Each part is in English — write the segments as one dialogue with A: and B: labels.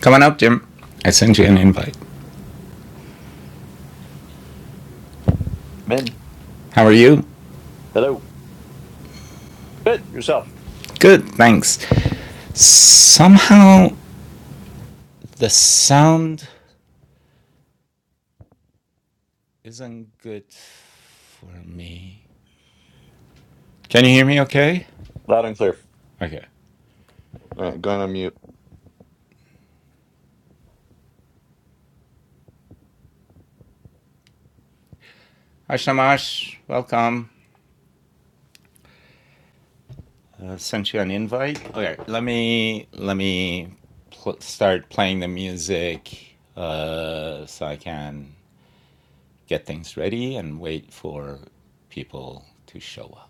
A: Come on up, Jim. I sent you an invite.
B: Min,
A: How are you?
B: hello. Good. Yourself.
A: Good, thanks. Somehow the sound isn't good for me. Can you hear me okay?
B: Loud and clear.
A: Okay.
B: All right, going on mute.
A: Hi Shamash, welcome. I Uh, sent you an invite. Okay, let me let me pl- start playing the music uh, so I can get things ready and wait for people to show up.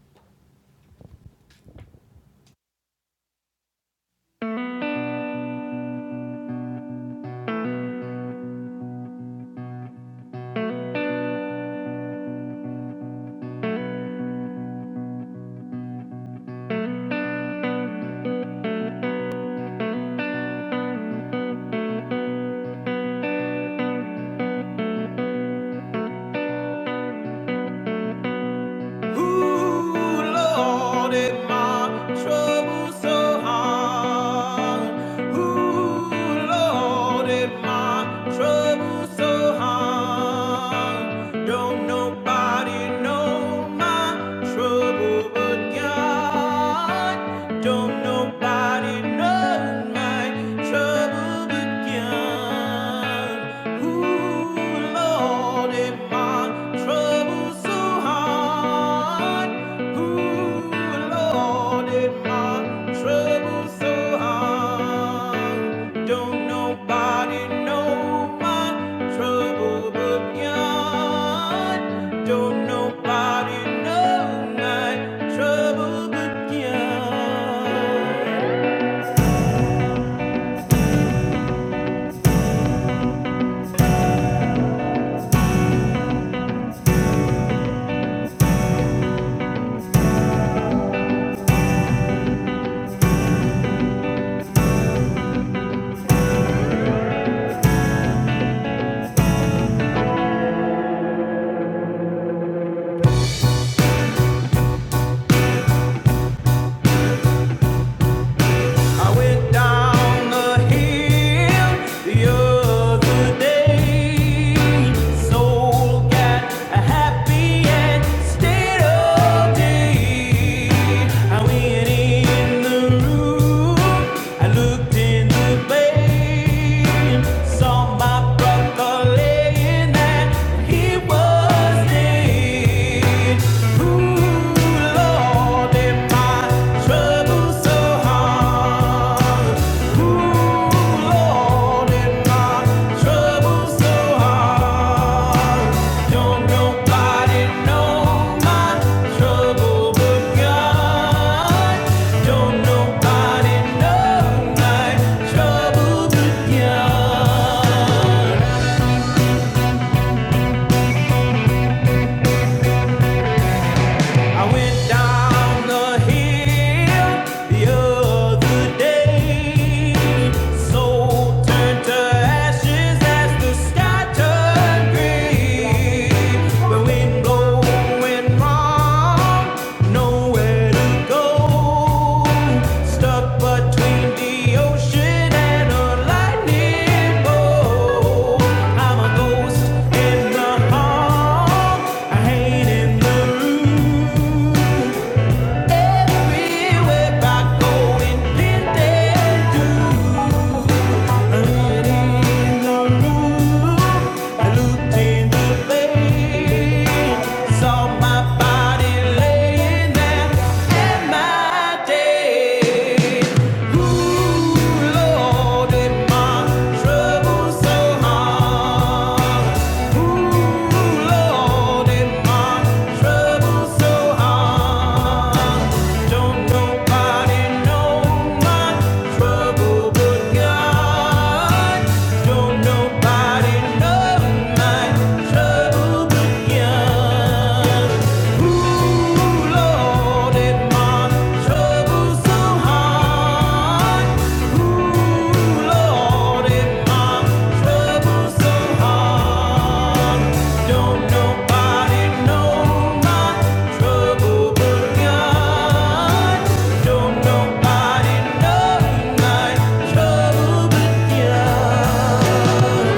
A: Ooh, Lord, it my trouble so hard. Ooh, Lord, it my trouble so hard. Don't nobody know my trouble but God. Don't nobody know my trouble began. Ooh, Lord, if my trouble's so hard. Ooh, Lord, if my trouble's so hard. Don't nobody know my trouble began. Don't nobody know my trouble began. I went down the hill the other day. Soul got happy and stayed all day. I went in the room. I looked in the bay. Saw my brother laying there. He was dead. Trouble begun. I went down the hill the other day. Soul turned to ashes as the sky turned gray. The wind blowing wrong Nowhere to go. Stuck between the ocean and a lightning bolt. I'm a ghost in the hall. I hate in the room. Everywhere I go, it been there too. Trouble so hard. Yeah. Ooh, Lord, it my troubles so hard. Ooh, Lord, it my troubles so hard. Don't nobody know my trouble but God. Don't nobody know my trouble but God.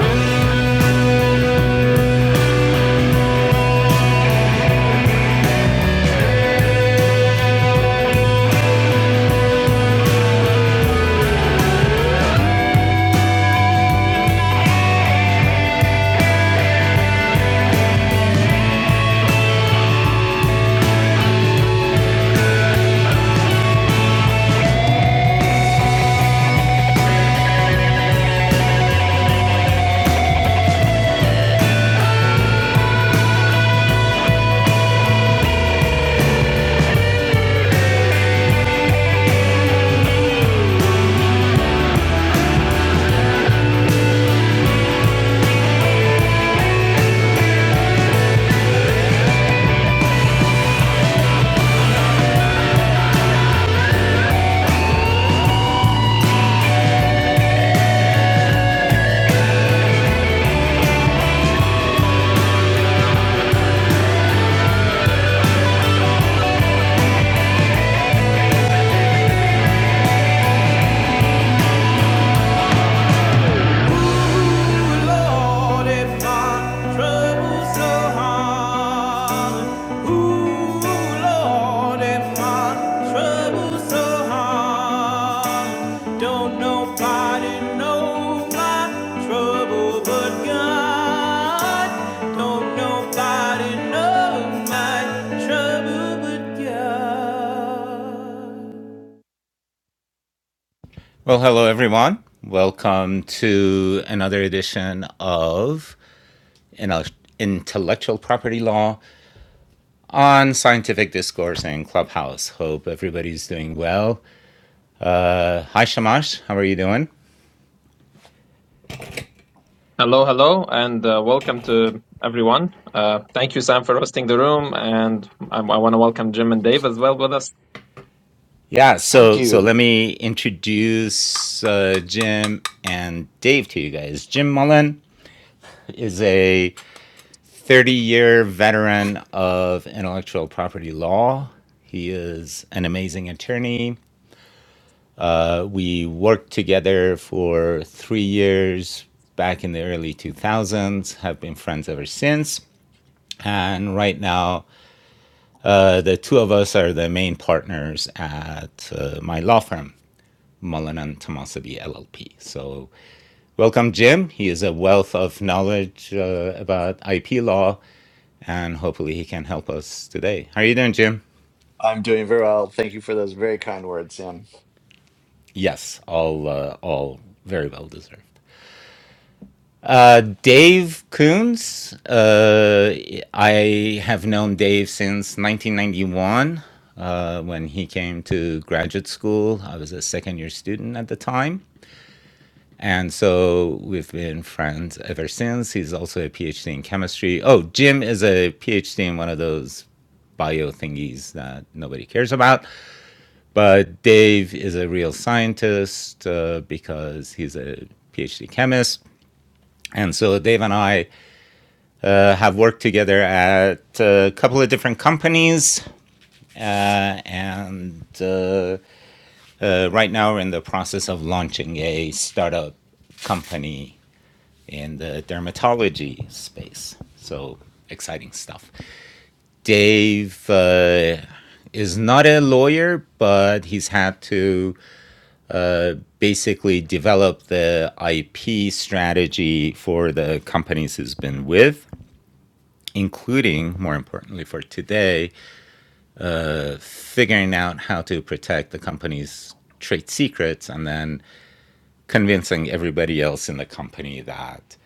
A: so so Well, hello everyone. Welcome to another edition of Intellectual property law on scientific discourse and clubhouse hope everybody's doing well uh, hi shamash how are you doing
C: Hello, hello, and uh, welcome to everyone. Uh, thank you, Sam, for hosting the room, and I, I want to welcome Jim and Dave as well with us.
A: yeah
B: Thank
A: so so
B: you.
A: let me introduce uh, jim and dave to you guys jim mullen is a 30 year veteran of intellectual property law he is an amazing attorney Uh, We worked together for three years back in the early 2000s, have been friends ever since. And right now, uh, the two of us are the main partners at uh, my law firm, Mullen and Tomasabi LLP. So, welcome, Jim. He is a wealth of knowledge uh, about IP law, and hopefully, he can help us today. How are you doing, Jim?
B: I'm doing very well. Thank you for those very kind words, Sam.
A: Yes, all uh, all very well deserved. Uh, Dave Coons. Uh, I have known Dave since 1991 uh, when he came to graduate school. I was a second year student at the time. And so we've been friends ever since. He's also a PhD in chemistry. Oh, Jim is a PhD in one of those bio thingies that nobody cares about. But Dave is a real scientist uh, because he's a PhD chemist. And so Dave and I uh, have worked together at a couple of different companies, uh, and uh, uh, right now we're in the process of launching a startup company in the dermatology space. So exciting stuff. Dave uh, is not a lawyer, but he's had to uh, basically develop the IP strategy for the companies he's been with, including, more importantly for today, figuring out how to protect the company's trade secrets and then convincing everybody else in the company that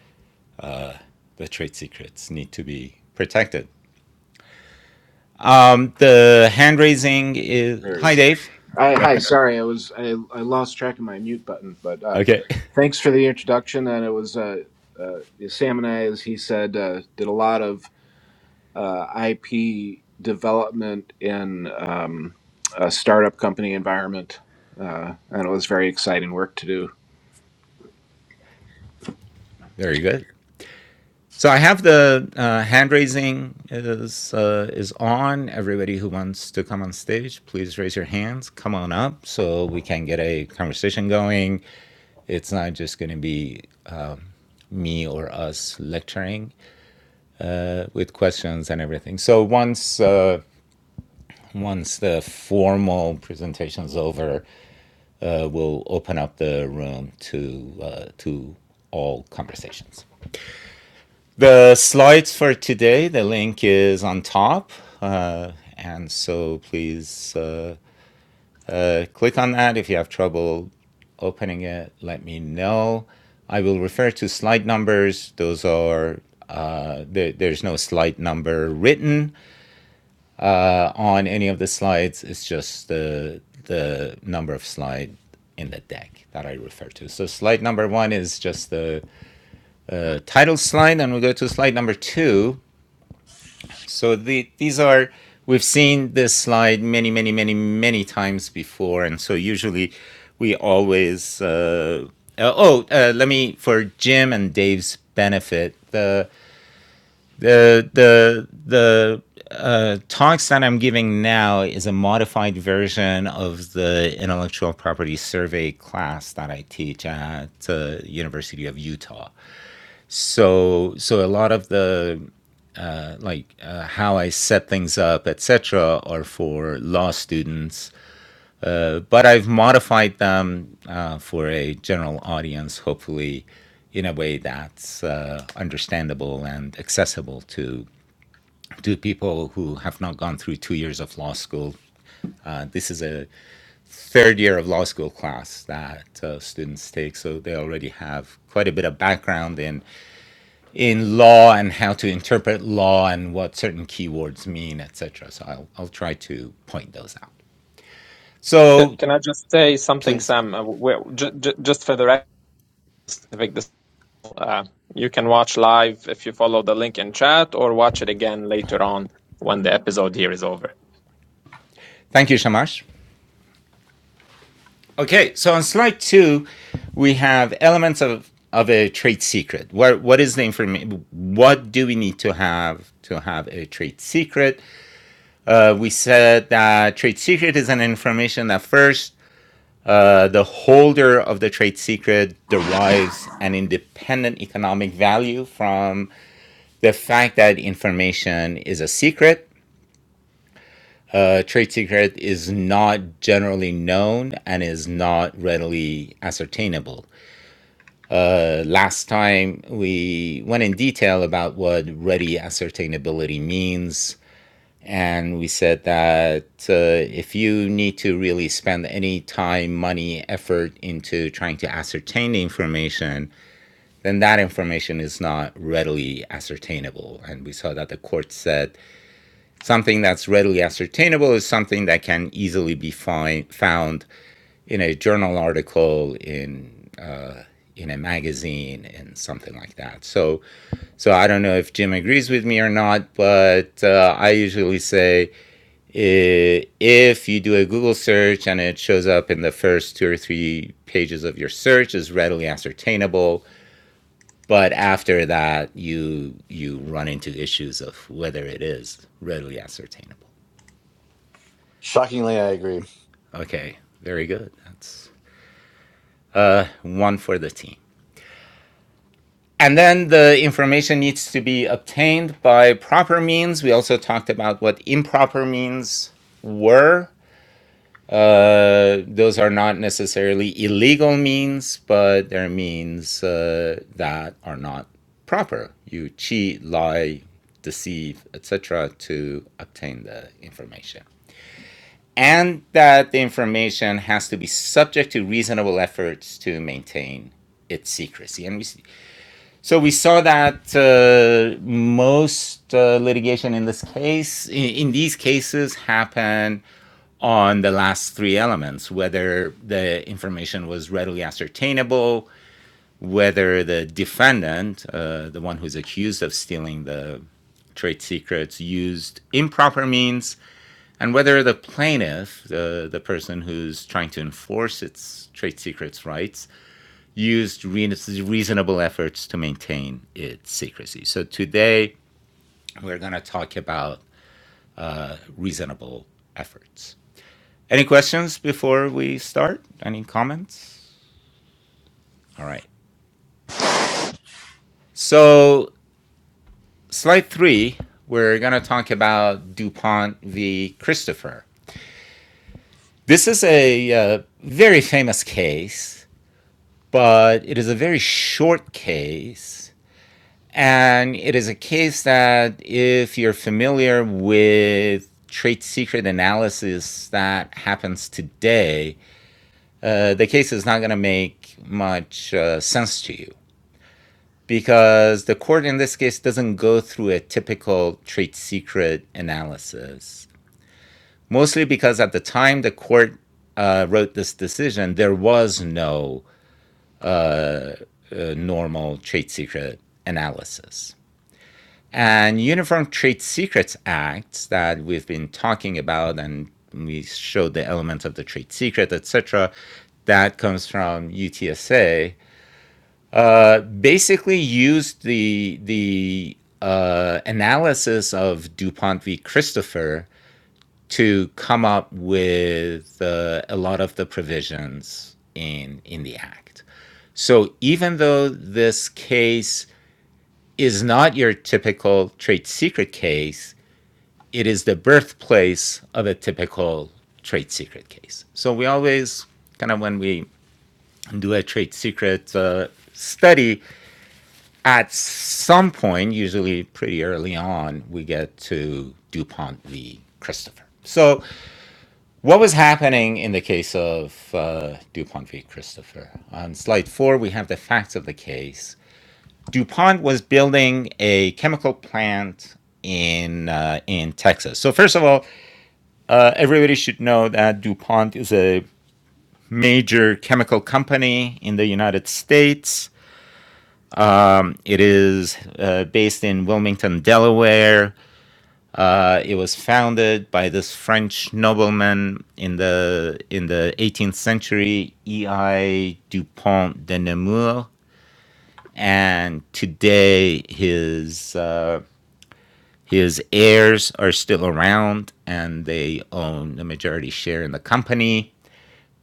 A: the trade secrets need to be protected. Um, the hand raising is
D: There it
A: hi,
D: is.
A: Dave.
D: I,
A: Go
D: hi,
A: ahead.
D: sorry, I was I, I lost track of my mute button, but uh,
A: Okay,
D: thanks for the introduction. And it was uh, uh, Sam and I, as he said, uh, did a lot of uh, IP development in um, a startup company environment, uh, and it was very exciting work to do.
A: very good. So I have the uh, hand raising is uh, is on. Everybody who wants to come on stage, please raise your hands. Come on up so we can get a conversation going. It's not just going to be me or us lecturing uh, with questions and everything. So once uh, once the formal presentation's over, uh, we'll open up the room to uh, to all conversations. The slides for today, the link is on top, uh, and so please uh, uh, click on that. If you have trouble opening it, let me know. I will refer to slide numbers. Those are uh, there, there's no slide number written uh, on any of the slides. It's just the the number of slide in the deck that I refer to. So slide number one is just the uh, title slide, and we go to slide number two, So the, these are, we've seen this slide many, many, many, many times before. And so usually we always, uh, uh, oh, uh, let me, for Jim and Dave's benefit, the, the, the, the, uh, talks that I'm giving now is a modified version of the intellectual property survey class that I teach at the uh, University of Utah. So, so a lot of the like uh, how I set things up, etc., are for law students. But I've modified them uh, for a general audience, hopefully, in a way that's uh, understandable and accessible to to people who have not gone through two years of law school. Uh, this is a third year of law school class that uh, students take, so they already have quite a bit of background in in law and how to interpret law and what certain keywords mean, etc. So I'll, I'll try to point those out.
C: C-
A: So
C: Can I just say something,
A: please,
C: Sam? Uh, we j- j- just for the record, Pacific, this, uh, you can watch live if you follow the link in chat, or watch it again later on when the episode here is over.
A: thank you, Shamash. Okay, so on slide two, we have elements of, of a trade secret. What, what is the information? What do we need to have to have a trade secret? Uh, we said that trade secret is an information that first uh, the holder of the trade secret derives an independent economic value from the fact that information is a secret, a trade secret, is not generally known and is not readily ascertainable. Uh, last time we went in detail about what ready ascertainability means. And we said that uh, if you need to really spend any time, money, effort into trying to ascertain the information, then that information is not readily ascertainable. And we saw that the court said something that's readily ascertainable is something that can easily be find, found in a journal article, in uh, in a magazine, and something like that. So, so I don't know if Jim agrees with me or not, but uh, I usually say uh, if you do a Google search and it shows up in the first two or three pages of your search, is readily ascertainable. But after that, you you run into issues of whether it is readily ascertainable.
B: Shockingly, I agree.
A: Okay, very good. That's uh, one for the team. And then the information needs to be obtained by proper means. We also talked about what improper means were. Uh, those are not necessarily illegal means, but they're means uh, that are not proper. You cheat, lie, deceive, etc., to obtain the information. and that the information has to be subject to reasonable efforts to maintain its secrecy. And we, s- so we saw that uh, most uh, litigation in this case, in, in these cases, happen on the last three elements: whether the information was readily ascertainable, whether the defendant, uh, the one who's accused of stealing the trade secrets, used improper means and whether the plaintiff, the, the person who's trying to enforce its trade secrets rights, used reasonable efforts to maintain its secrecy. So today we're going to talk about uh, reasonable efforts. Any questions before we start? Any comments? All right. So, slide three, we're going to talk about DuPont v. Christopher. This is a uh, very famous case but it is a very short case. And it is a case that, if you're familiar with trade secret analysis that happens today, uh, the case is not going to make much uh, sense to you because the court in this case doesn't go through a typical trade secret analysis. Mostly because at the time the court uh, wrote this decision, there was no a, a normal trade secret analysis. And Uniform Trade Secrets Act that we've been talking about and we showed the elements of the trade secret, etc. That comes from UTSA. Uh, basically, used the the uh, analysis of Dupont v. Christopher to come up with uh, a lot of the provisions in in the act. So even though this case is not your typical trade secret case, it is the birthplace of a typical trade secret case. So we always kind of when we do a trade secret uh, study, at some point, usually pretty early on, we get to DuPont v. Christopher. So, what was happening in the case of uh, DuPont v. Christopher? On slide four, we have the facts of the case. DuPont was building a chemical plant in uh, in Texas. So first of all, uh, everybody should know that DuPont is a major chemical company in the United States. Um, it is uh, based in Wilmington, Delaware. Uh, it was founded by this French nobleman in the in the 18th century, E.I. Dupont de Nemours, and today his uh, His heirs are still around and they own a majority share in the company.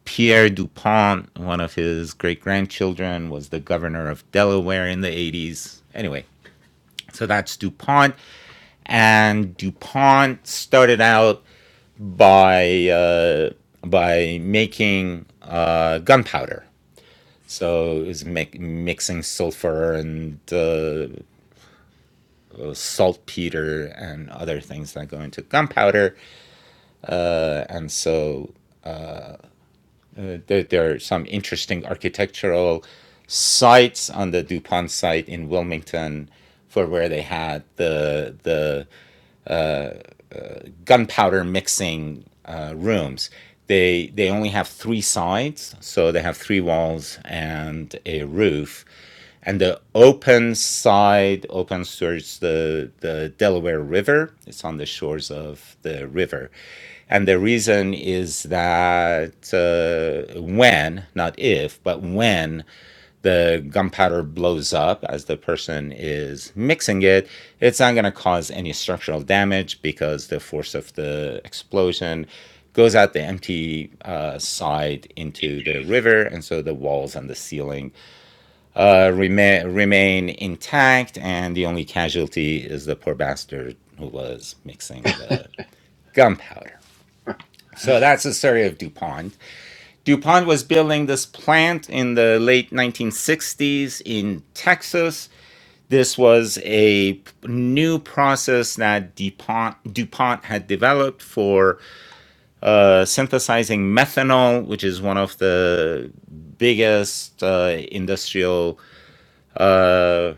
A: Pierre DuPont, one of his great grandchildren, was the governor of Delaware in the 80s. Anyway, so that's DuPont. And DuPont started out by, uh, by making uh, gunpowder. So it was mi- mixing sulfur and uh, saltpeter and other things that go into gunpowder. Uh, and so uh, there, there are some interesting architectural sites on the DuPont site in Wilmington for where they had the the gunpowder mixing uh, rooms. They they only have three sides, so they have three walls and a roof. And the open side opens towards the, the Delaware River. It's on the shores of the river. And the reason is that uh, when, not if, but when the gunpowder blows up as the person is mixing it, it's not going to cause any structural damage because the force of the explosion goes out the empty uh, side into the river. And so the walls and the ceiling uh, remain, remain intact. And the only casualty is the poor bastard who was mixing the gunpowder. So that's the story of DuPont. DuPont was building this plant in the late 1960s in Texas. This was a new process that DuPont, DuPont had developed for uh, synthesizing methanol, which is one of the biggest uh, industrial uh,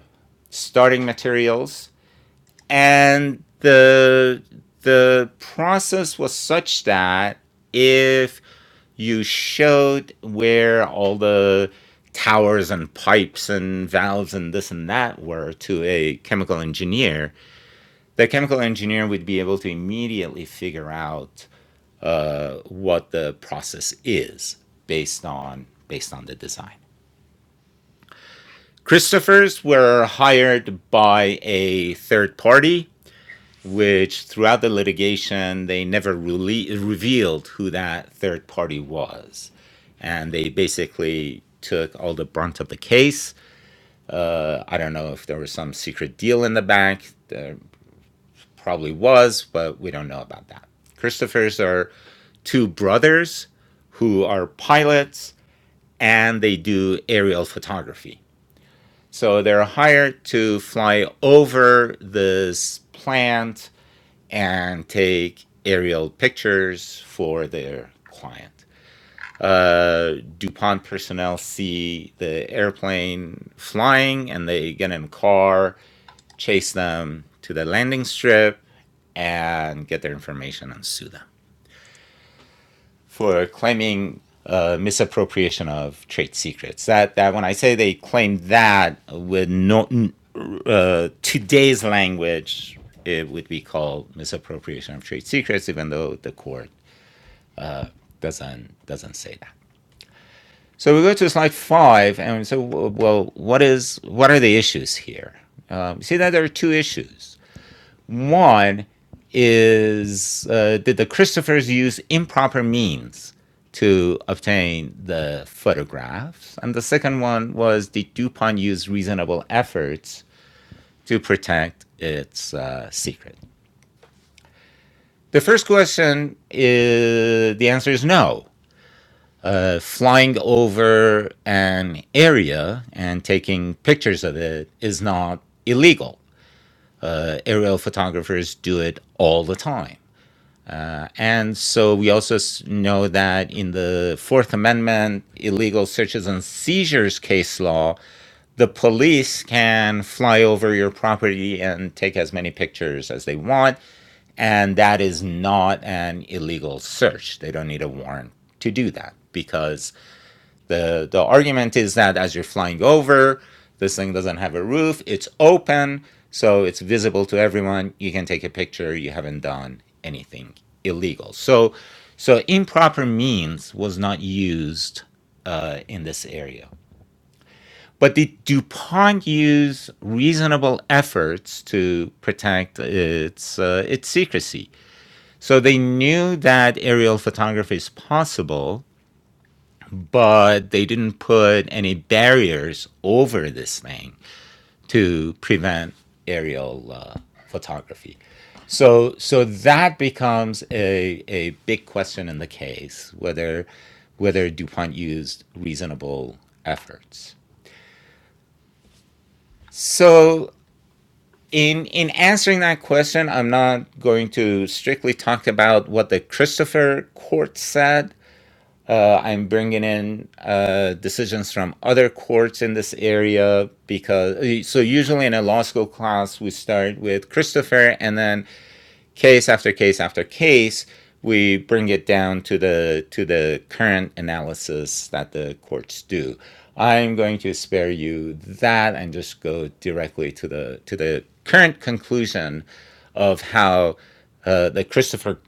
A: starting materials. And the, the process was such that if you showed where all the towers and pipes and valves and this and that were to a chemical engineer the chemical engineer would be able to immediately figure out uh, what the process is based on based on the design christophers were hired by a third party which throughout the litigation, they never rele- revealed who that third party was. And they basically took all the brunt of the case. Uh, I don't know if there was some secret deal in the bank. There probably was, but we don't know about that. Christopher's are two brothers who are pilots and they do aerial photography. So they're hired to fly over this plant and take aerial pictures for their client. Uh, DuPont personnel see the airplane flying and they get in a car, chase them to the landing strip, and get their information and sue them for claiming uh, misappropriation of trade secrets. That that when I say they claim that with no uh, today's language, it would be called misappropriation of trade secrets, even though the court doesn't doesn't say that. So we go to slide five, and so well, what is what are the issues here? Um, see that there are two issues. One is uh, did the Christophers use improper means to obtain the photographs? And the second one was did DuPont use reasonable efforts to protect its uh, secret? The first question is the answer is no. Uh, flying over an area and taking pictures of it is not illegal. Uh, aerial photographers do it all the time. and so we also know that in the Fourth Amendment, illegal searches and seizures case law, the police can fly over your property and take as many pictures as they want. And that is not an illegal search. They don't need a warrant to do that because the the argument is that as you're flying over, this thing doesn't have a roof. It's open, so it's visible to everyone. You can take a picture. You haven't done anything illegal. So so improper means was not used uh, in this area. But did DuPont use reasonable efforts to protect its uh, its secrecy? So they knew that aerial photography is possible, but they didn't put any barriers over this thing to prevent aerial uh, photography. So, so that becomes a, a big question in the case whether whether DuPont used reasonable efforts. So, in in answering that question, I'm not going to strictly talk about what the Christopher Court said Uh, I'm bringing in uh, decisions from other courts in this area because so usually in a law school class we start with Christopher and then case after case after case, we bring it down to the to the current analysis that the courts do. I'm going to spare you that and just go directly to the to the current conclusion of how uh, the Christopher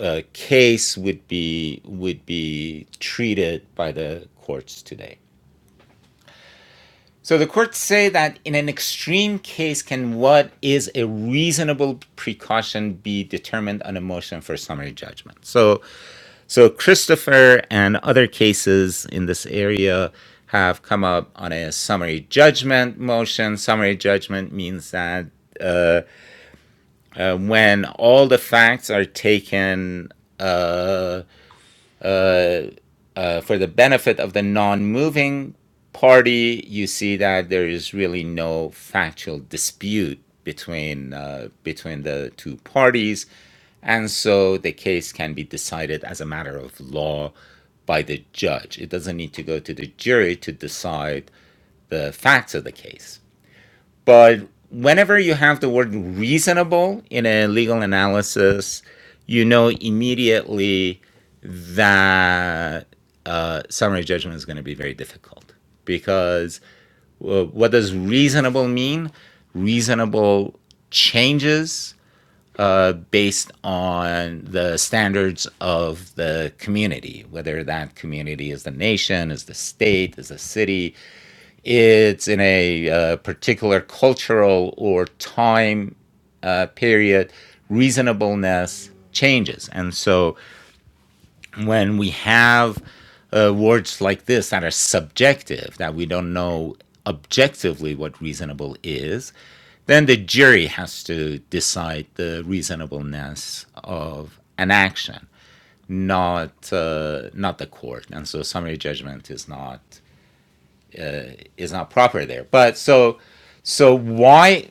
A: uh, case would be would be treated by the courts today. So the courts say that in an extreme case, can what is a reasonable precaution be determined on a motion for summary judgment? So, so Christopher and other cases in this area have come up on a summary judgment motion. Summary judgment means that uh, uh, when all the facts are taken uh, uh, uh, for the benefit of the non-moving party, you see that there is really no factual dispute between uh, between the two parties, and so the case can be decided as a matter of law by the judge. It doesn't need to go to the jury to decide the facts of the case. But whenever you have the word reasonable in a legal analysis, you know immediately that uh, summary judgment is going to be very difficult because uh, what does reasonable mean? Reasonable changes uh, based on the standards of the community, whether that community is the nation, is the state, is the city, it's in a uh, particular cultural or time uh, period, reasonableness changes. And so when we have uh, words like this that are subjective, that we don't know objectively what reasonable is, then the jury has to decide the reasonableness of an action, not uh, not the court. And so summary judgment is not is not proper there. But so so why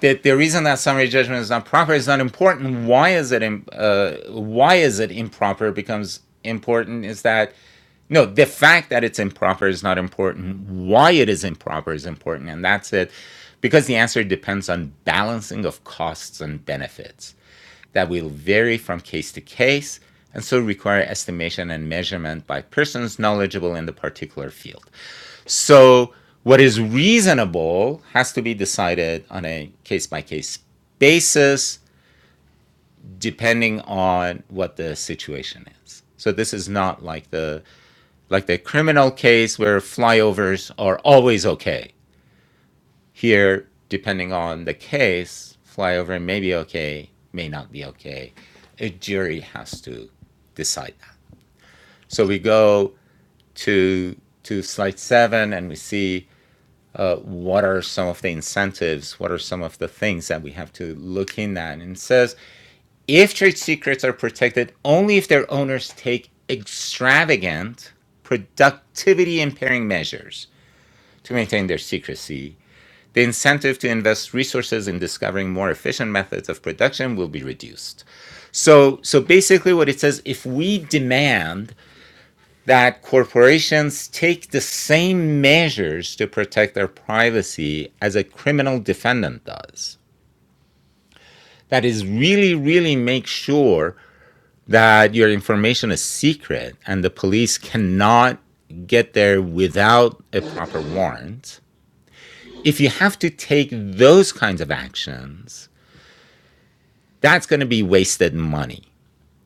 A: the, the reason that summary judgment is not proper is not important. Why is it uh, why is it improper becomes important is that no the fact that it's improper is not important. Why it is improper is important, and that's it, because the answer depends on balancing of costs and benefits that will vary from case to case and so require estimation and measurement by persons knowledgeable in the particular field. So what is reasonable has to be decided on a case by case basis, depending on what the situation is. So this is not like the like the criminal case where flyovers are always okay. Here, depending on the case, flyover may be okay, may not be okay. A jury has to decide that. So we go to to slide seven and we see uh, what are some of the incentives? What are some of the things that we have to look in at? And it says if trade secrets are protected only if their owners take extravagant productivity impairing measures to maintain their secrecy, the incentive to invest resources in discovering more efficient methods of production will be reduced. So, so basically, what it says, if we demand that corporations take the same measures to protect their privacy as a criminal defendant does. That is really, really make sure that your information is secret and the police cannot get there without a proper warrant. If you have to take those kinds of actions, that's going to be wasted money.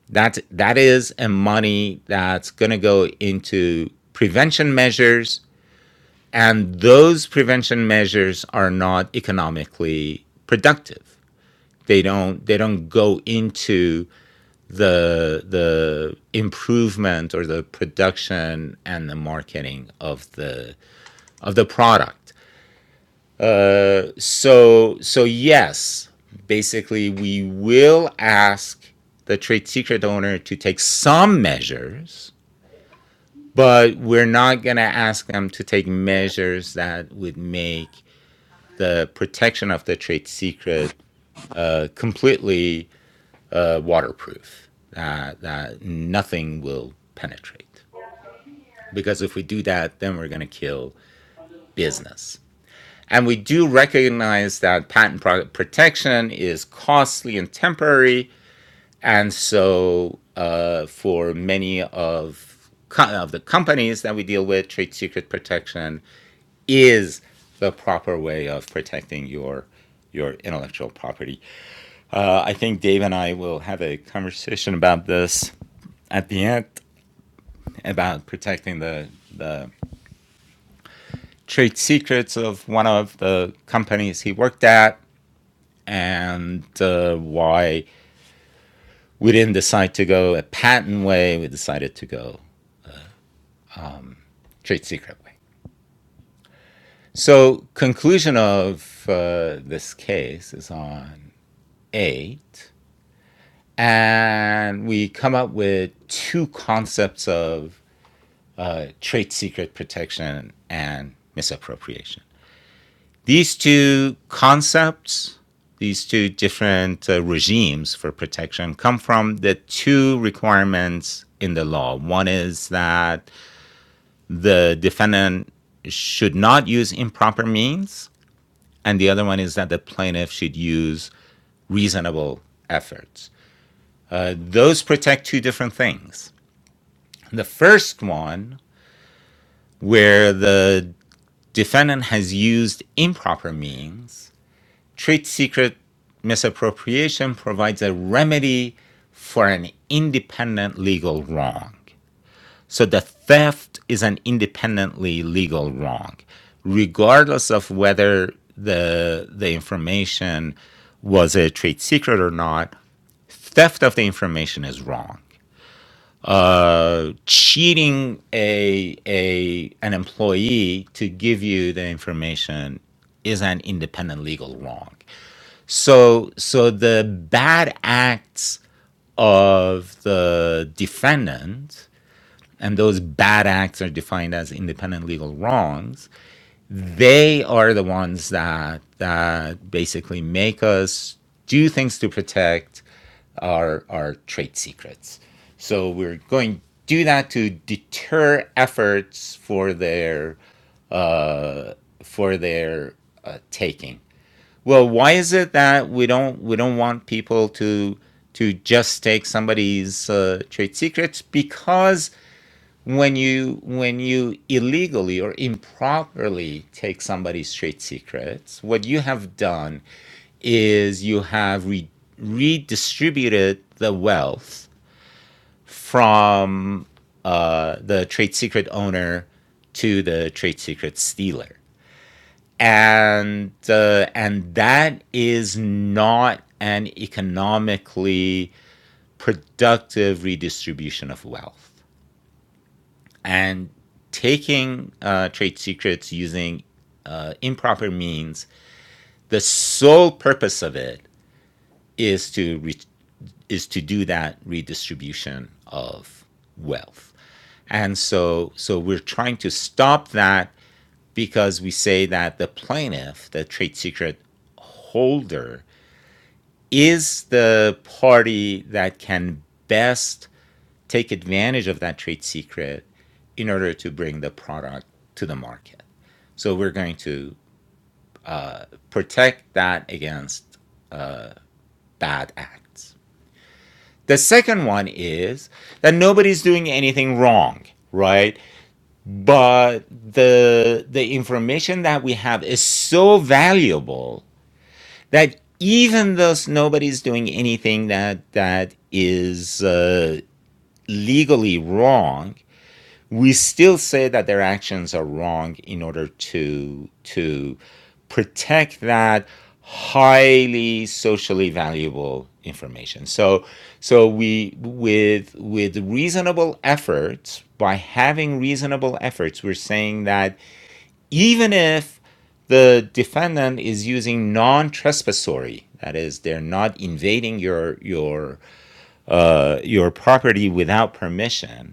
A: That, that is a money that's going to go into prevention measures And those prevention measures are not economically productive. They don't they don't go into the the improvement or the production and the marketing of the of the product. Uh, so so yes, basically we will ask the trade secret owner to take some measures, but we're not going to ask them to take measures that would make the protection of the trade secret uh, completely uh, waterproof, uh, that nothing will penetrate. Because if we do that, then we're going to kill business. And we do recognize that patent protection is costly and temporary. And so, uh, for many of, co- of the companies that we deal with, trade secret protection is the proper way of protecting your your intellectual property Uh, I think Dave and I will have a conversation about this at the end about protecting the the trade secrets of one of the companies he worked at and uh, why we didn't decide to go a patent way. We decided to go trade secret way. So conclusion of uh, this case is on eight, and we come up with two concepts of uh, trade secret protection and misappropriation. These two concepts, these two different uh, regimes for protection, come from the two requirements in the law. One is that the defendant should not use improper means, and the other one is that the plaintiff should use reasonable efforts. Uh, those protect two different things. The first one, where the defendant has used improper means, trade secret misappropriation provides a remedy for an independent legal wrong. So the theft is an independently legal wrong, regardless of whether the the information was a trade secret or not. Theft of the information is wrong uh, cheating a a an employee to give you the information is an independent legal wrong. So so the bad acts of the defendant and those bad acts are defined as independent legal wrongs they are the ones that that basically make us do things to protect our our trade secrets. So we're going to do that to deter efforts for their uh, for their uh, taking. Well, why is it that we don't we don't want people to to just take somebody's uh, trade secrets because when you when you illegally or improperly take somebody's trade secrets what you have done is you have re- redistributed the wealth from uh, the trade secret owner to the trade secret stealer and uh, and that is not an economically productive redistribution of wealth and taking uh, trade secrets using uh, improper means, the sole purpose of it is to re- is to do that redistribution of wealth. And so, so we're trying to stop that because we say that the plaintiff, the trade secret holder, is the party that can best take advantage of that trade secret in order to bring the product to the market. So we're going to protect that against bad acts. The second one is that nobody's doing anything wrong, right? But the the information that we have is so valuable that even though nobody's doing anything that that is uh, legally wrong, we still say that their actions are wrong in order to to protect that highly socially valuable information so so we with with reasonable efforts by having reasonable efforts we're saying that even if the defendant is using non-trespassory that is they're not invading your your uh, your property without permission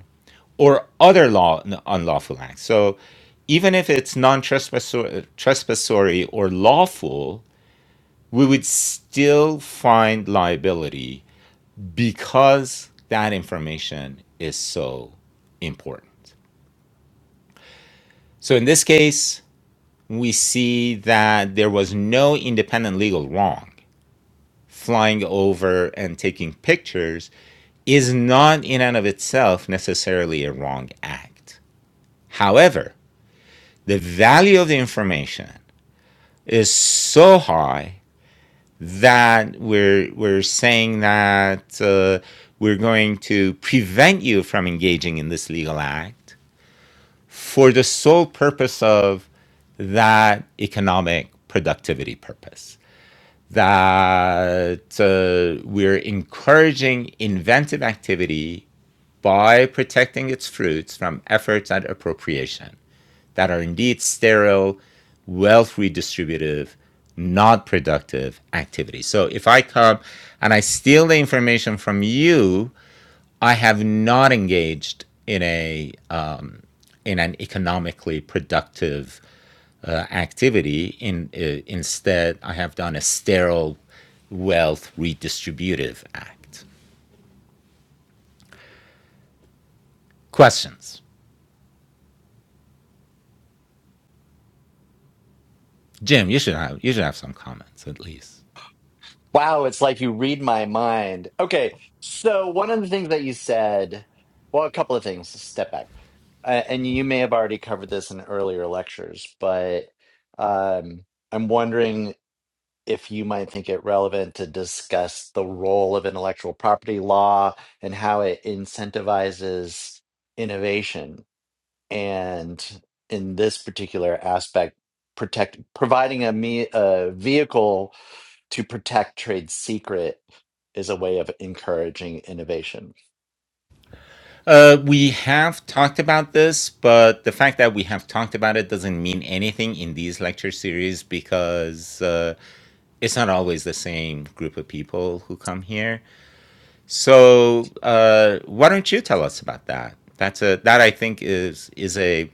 A: or other law unlawful acts. So even if it's non-trespassory or lawful, we would still find liability because that information is so important. So in this case, we see that there was no independent legal wrong. Flying over and taking pictures is not in and of itself necessarily a wrong act. However, the value of the information is so high that we're we're saying that uh, we're going to prevent you from engaging in this legal act for the sole purpose of that economic productivity purpose that uh, we're encouraging inventive activity by protecting its fruits from efforts at appropriation that are indeed sterile, wealth redistributive, not productive activities. So if I come and I steal the information from you, I have not engaged in a uh, in an economically productive uh, activity. In uh, instead, I have done a sterile wealth redistributive act. Questions, Jim? You should have you should have some comments at least.
B: Wow, it's like you read my mind. Okay, so one of the things that you said, well, a couple of things, step back. Uh, and you may have already covered this in earlier lectures, but um, I'm wondering. if you might think it relevant to discuss the role of intellectual property law and how it incentivizes innovation. And in this particular aspect, protect providing a, me, a vehicle to protect trade secret is a way of encouraging innovation.
A: Uh, we have talked about this, but the fact that we have talked about it doesn't mean anything in these lecture series because uh, it's not always the same group of people who come here. So uh, why don't you tell us about that? That's a that I think is is a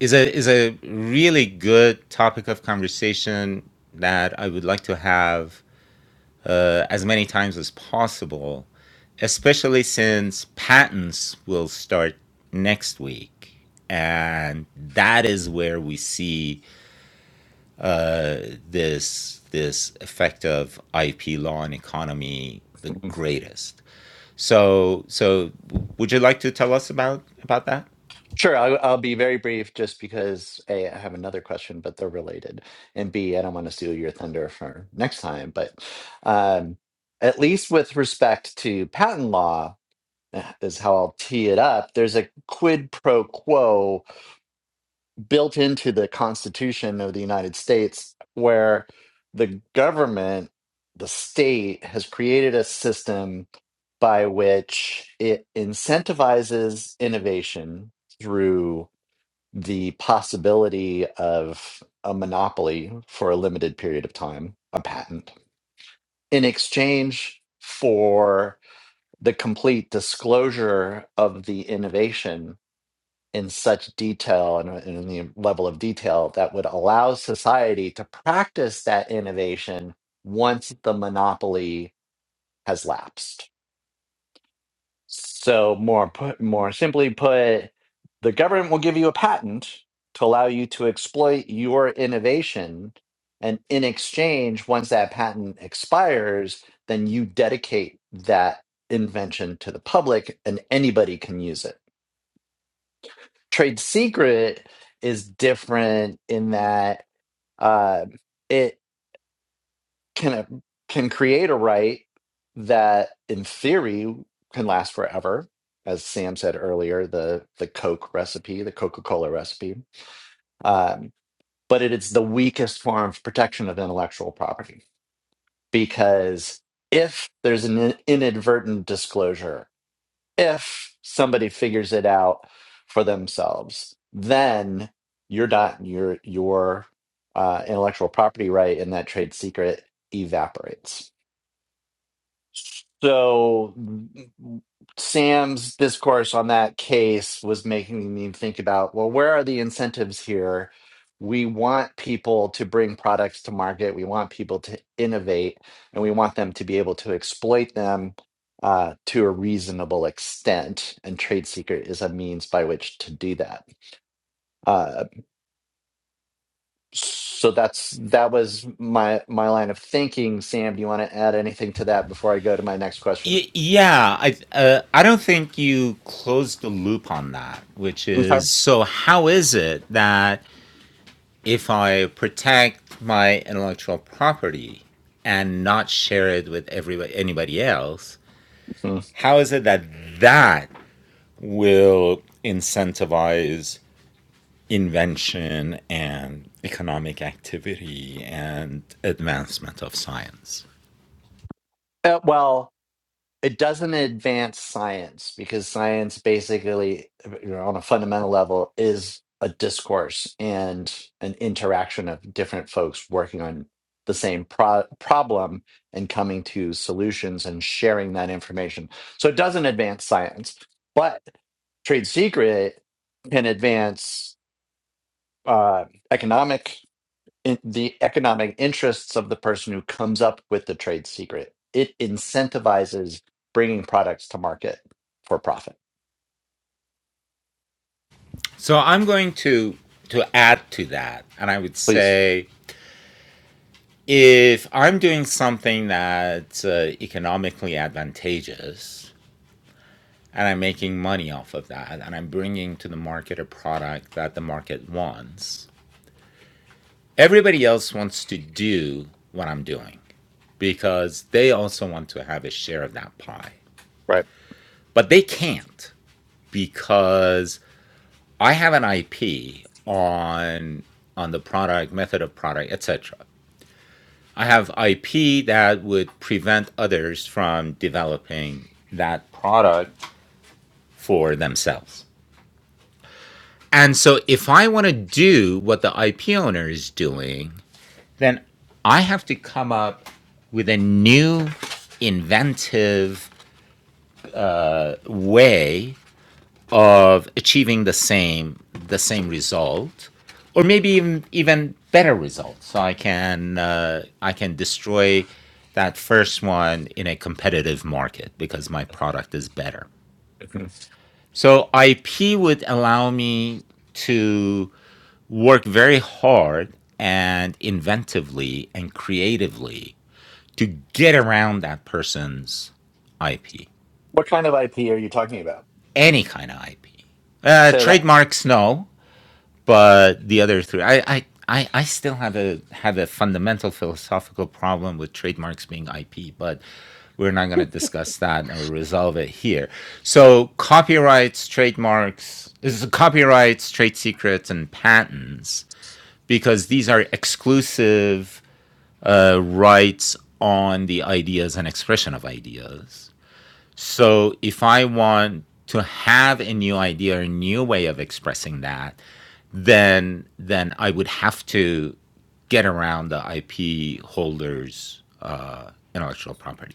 A: is a is a really good topic of conversation that I would like to have uh, as many times as possible, especially since patents will start next week. And that is where we see uh, this this effect of IP law and economy the greatest. So, so would you like to tell us about about that?
B: Sure, I'll, I'll be very brief just because A, I have another question, but they're related. And B, I don't want to steal your thunder for next time. But um, at least with respect to patent law, eh, is how I'll tee it up. There's a quid pro quo built into the Constitution of the United States where the government, the state, has created a system by which it incentivizes innovation through the possibility of a monopoly for a limited period of time, a patent, in exchange for the complete disclosure of the innovation in such detail and and in the level of detail that would allow society to practice that innovation once the monopoly has lapsed. So more put more simply put, the government will give you a patent to allow you to exploit your innovation, and in exchange, once that patent expires, then you dedicate that invention to the public and anybody can use it. Trade secret is different in that uh, it can a, can create a right that in theory can last forever as sam said earlier the the coke recipe the coca-cola recipe um, but it is the weakest form of protection of intellectual property because if there's an in- inadvertent disclosure if somebody figures it out for themselves then you're not your your uh, intellectual property right in that trade secret evaporates So Sam's discourse on that case was making me think about well, where are the incentives here? We want people to bring products to market. We want people to innovate, and we want them to be able to exploit them uh, to a reasonable extent. And trade secret is a means by which to do that. Uh, so that's that was my my line of thinking. Sam, do you want to add anything to that before I go to my next question?
A: Y- yeah, I uh, I don't think you closed the loop on that, which is
B: Okay.
A: so how is it that if I protect my intellectual property and not share it with everybody, anybody else, how is it that that will incentivize invention and economic activity and advancement of science?
B: Uh, well, it doesn't advance science because science basically, uh, you know, on a fundamental level, is a discourse and an interaction of different folks working on the same pro- problem and coming to solutions and sharing that information. So it doesn't advance science, but trade secret can advance uh, economic in the economic interests of the person who comes up with the trade secret. It incentivizes bringing products to market for profit.
A: So I'm going to to add to that, and I would
B: Please.
A: say if I'm doing something that's uh, economically advantageous, and I'm making money off of that, and I'm bringing to the market a product that the market wants. Everybody else wants to do what I'm doing because they also want to have a share of that pie,
B: Right.
A: but they can't because I have an IP on on the product, method of product, etc. I have IP that would prevent others from developing that product for themselves. And so if I want to do what the IP owner is doing, then I have to come up with a new inventive way of achieving the same the same result or maybe even even better result so I can uh, I can destroy that first one in a competitive market because my product is better.
B: Mhm.
A: So IP would allow me to work very hard and inventively and creatively to get around that person's IP,
B: What kind of IP are you talking about?
A: any kind of IP. Uh,
B: So that.
A: trademarks, no, but the other three, I, I, I, I still have a have a fundamental philosophical problem with trademarks being IP, but we're not going to discuss that or resolve it here. So copyrights, trademarks, this is copyrights, trade secrets, and patents because these are exclusive uh, writes on the ideas and expression of ideas. So if I want to have a new idea, a new way of expressing that, then then I would have to get around the IP holders' uh, intellectual property.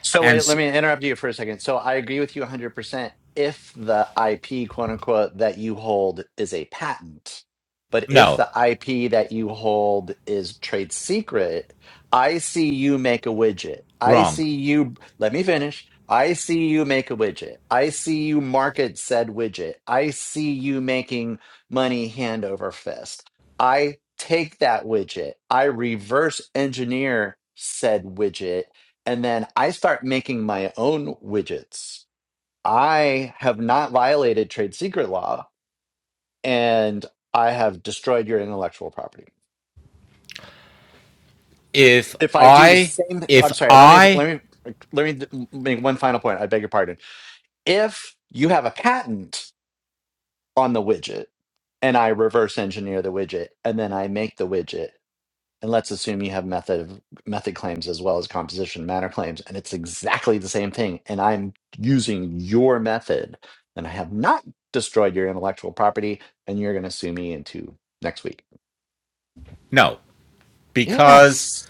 B: So
A: And
B: wait,
A: s
B: let me interrupt you for a second. So I agree with you 100% if the IP, quote unquote, that you hold is a patent. But if
A: no,
B: the IP that you hold is trade secret, I see you make a widget. I
A: wrong.
B: see you, let me finish. I see you make a widget. I see you market said widget. I see you making money hand over fist. I take that widget. I reverse engineer said widget and then I start making my own widgets. I have not violated trade secret law and I have destroyed your intellectual property.
A: If
B: If I do the
A: I
B: same
A: if
B: I'm sorry, let me
A: I
B: let me let me make one final point. I beg your pardon. If you have a patent on the widget and I reverse engineer the widget and then I make the widget and let's assume you have method method claims as well as composition matter claims and it's exactly the same thing and i'm using your method and i have not destroyed your intellectual property and you're going to sue me into next week
A: no because
B: yes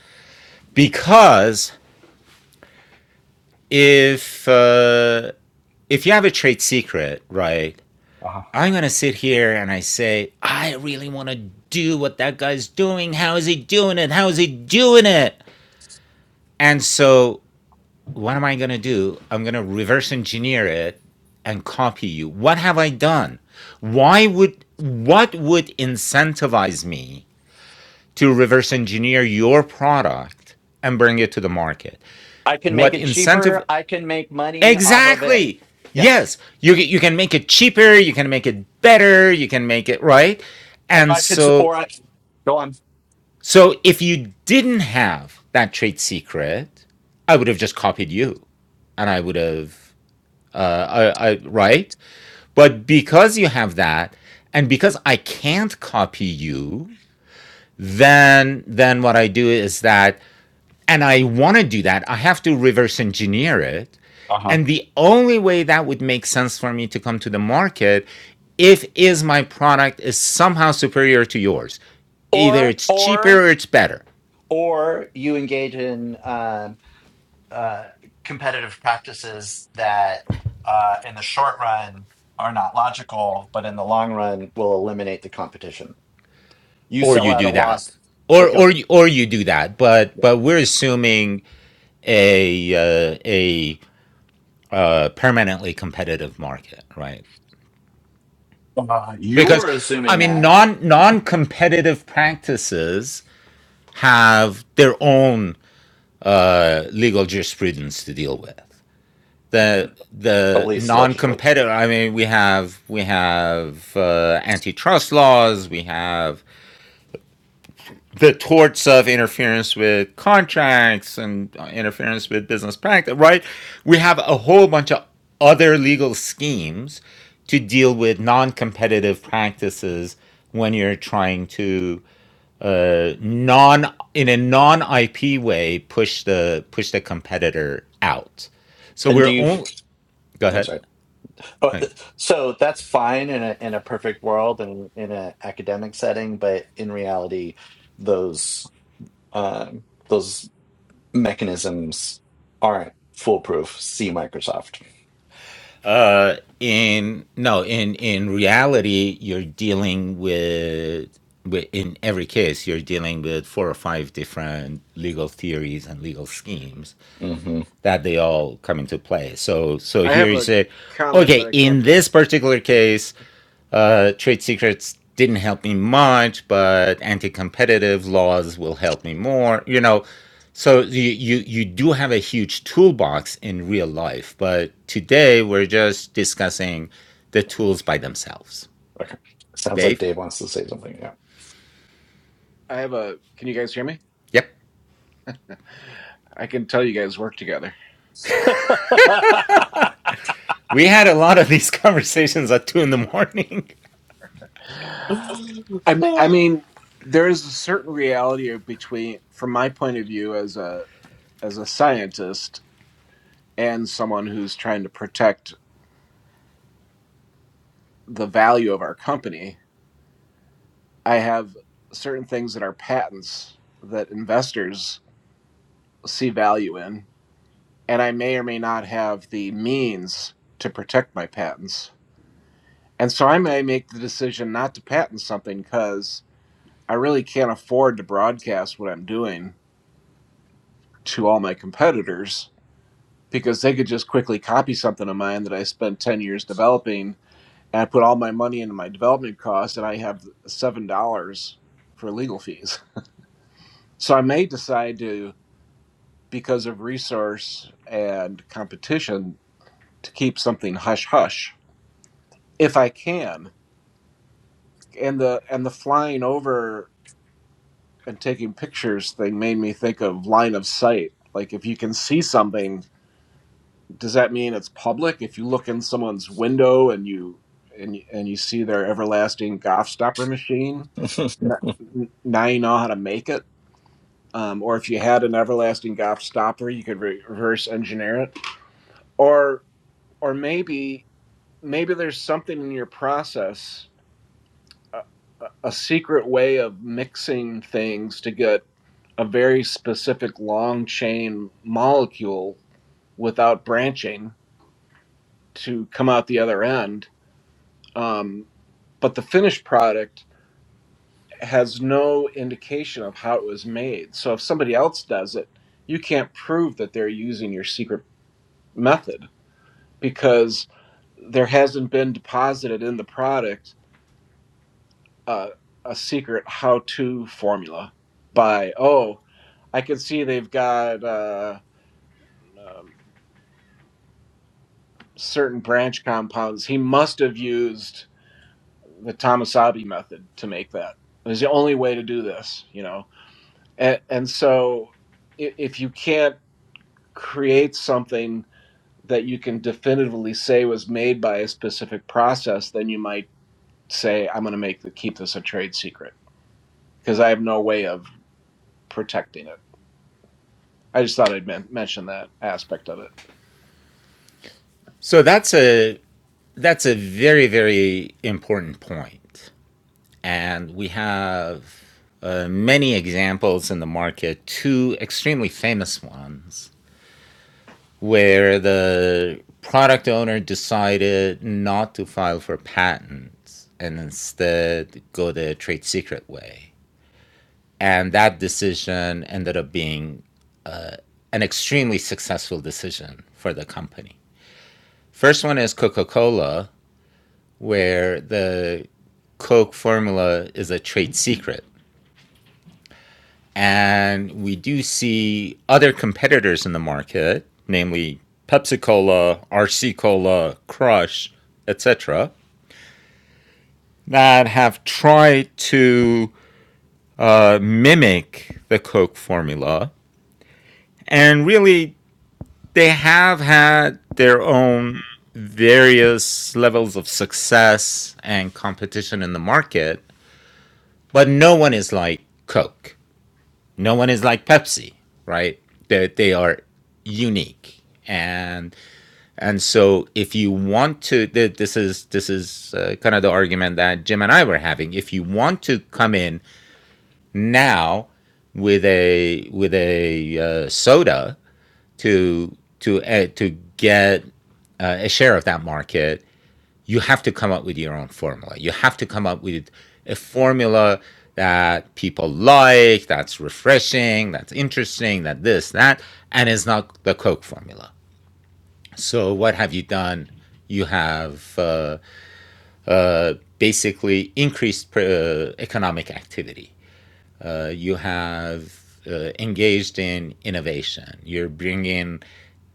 A: because if uh, if you have a trade secret, right,
B: Uh-huh.
A: I'm going to sit here and I say, I really want to do what that guy's doing. How is he doing it? How is he doing it? And so, what am I going to do? I'm going to reverse engineer it and copy you. What have I done? Why would, what would incentivize me to reverse engineer your product and bring it to the market?
B: i can make
A: What
B: it
A: incentive,
B: cheaper i can make money off of it
A: Exactly.
B: yes
A: Yes, you you can make it cheaper, you can make it better, you can make it right.
B: or
A: And
B: i could
A: so
B: or i go on
A: so if you didn't have that trade secret, I would have just copied you and I would have uh, I, I right? But because you have that and because I can't copy you, then then what I do is that and I want to do that, I have to reverse engineer it.
B: Uh-huh.
A: And the only way that would make sense for me to come to the market if is my product is somehow superior to yours. Either
B: or
A: it's
B: or
A: cheaper or it's better,
B: or you engage in um, uh, competitive practices that uh, in the short run are not logical, but in the long run will eliminate the competition. You
A: or
B: sell
A: you
B: at a
A: do that,
B: loss.
A: or
B: Or,
A: or
B: okay,
A: you- or you do that. But
B: yeah.
A: but we're assuming a uh, a uh, permanently competitive market, right?
B: Uh,
A: Because
B: you're
A: I
B: assuming
A: mean,
B: that,
A: non non competitive practices have their own uh, legal jurisprudence to deal with. The
B: at
A: the
B: least allegedly.
A: non-competitive. I mean, we have we have uh, antitrust laws. We have the torts of interference with contracts and uh, interference with business practice. Right. We have a whole bunch of other legal schemes to deal with non-competitive practices when you're trying to uh, non in a non IP way push the push the competitor out. So
B: And do
A: we're
B: you?
A: only go
B: I'm
A: ahead.
B: sorry. Oh, uh,
A: Hey.
B: so that's fine in a in a perfect world and in an academic setting, but in reality, those um, those mechanisms aren't foolproof. See Microsoft.
A: Uh, in no in in reality, you're dealing with, with in every case you're dealing with four or five different legal theories and legal schemes
B: Mm-hmm.
A: that they all come into play. So so
D: I
A: here
D: have
A: you
D: a
A: say,
D: comment, but
A: okay,
D: I can't.
A: in this particular case Uh, trade secrets didn't help me much, but anti-competitive laws will help me more. You know, so you you, you do have a huge toolbox in real life, but today we're just discussing the tools by themselves.
B: Okay. Sounds like
A: Dave.
B: Dave wants to say something. Yeah.
D: I have a. Can you guys hear me?
A: Yep.
D: I can tell you guys work together.
A: We had a lot of these conversations at two in the morning.
D: I I mean, there is a certain reality between, from my point of view as a as a scientist and someone who's trying to protect the value of our company. I have certain things that are patents that investors see value in, and I may or may not have the means to protect my patents. And so I may make the decision not to patent something because I really can't afford to broadcast what I'm doing to all my competitors because they could just quickly copy something of mine that I spent 10 years developing and I put all my money into my development costs and I have $7 for legal fees. So I may decide to, because of resource and competition, to keep something hush hush if I can. And the and the flying over and taking pictures thing made me think of line of sight. Like if you can see something does that mean it's public if you look in someone's window and you and and you see their everlasting golf stopper machine n- now you know how to make it um, or if you had an everlasting golf stopper you could re- reverse engineer it or or maybe maybe there's something in your process a, a a secret way of mixing things to get a very specific long chain molecule without branching to come out the other end um, but the finished product has no indication of how it was made. So if somebody else does it, you can't prove that they're using your secret method because there hasn't been deposited in the product uh, a secret how to formula by, oh, I can see they've got uh, um, certain branch compounds. He must have used the Tomasabi method to make that. It's the only way to do this, you know and, and so i- if you can't create something that you can definitively say was made by a specific process then you might say i'm going to make the, keep this a trade secret because i have no way of protecting it i just thought i'd men- mention that aspect of it
A: So that's a that's a very very important point. And we have uh, many examples in the market, two extremely famous ones, where the product owner decided not to file for patents and instead go the trade secret way. And that decision ended up being an extremely successful decision for the company. First one is Coca Cola, where the Coke formula is a trade secret And we do see other competitors in the market, namely Pepsi Cola, RC Cola, Crush, etc., that have tried to uh, mimic the Coke formula. And really, they have had their own various levels of success and competition in the market, but no one is like Coke. No one is like Pepsi, right? They, they are unique. And and so if you want to, this is this is uh, kind of the argument that Jim and I were having. If you want to come in now with a with a uh, soda to to uh, to get uh, a share of that market, you have to come up with your own formula. You have to come up with a formula that people like, that's refreshing, that's interesting, that this, that, and it's not the Coke formula. So, what have you done? You have uh, uh, basically increased uh, economic activity. Uh, you have uh, engaged in innovation. You're bringing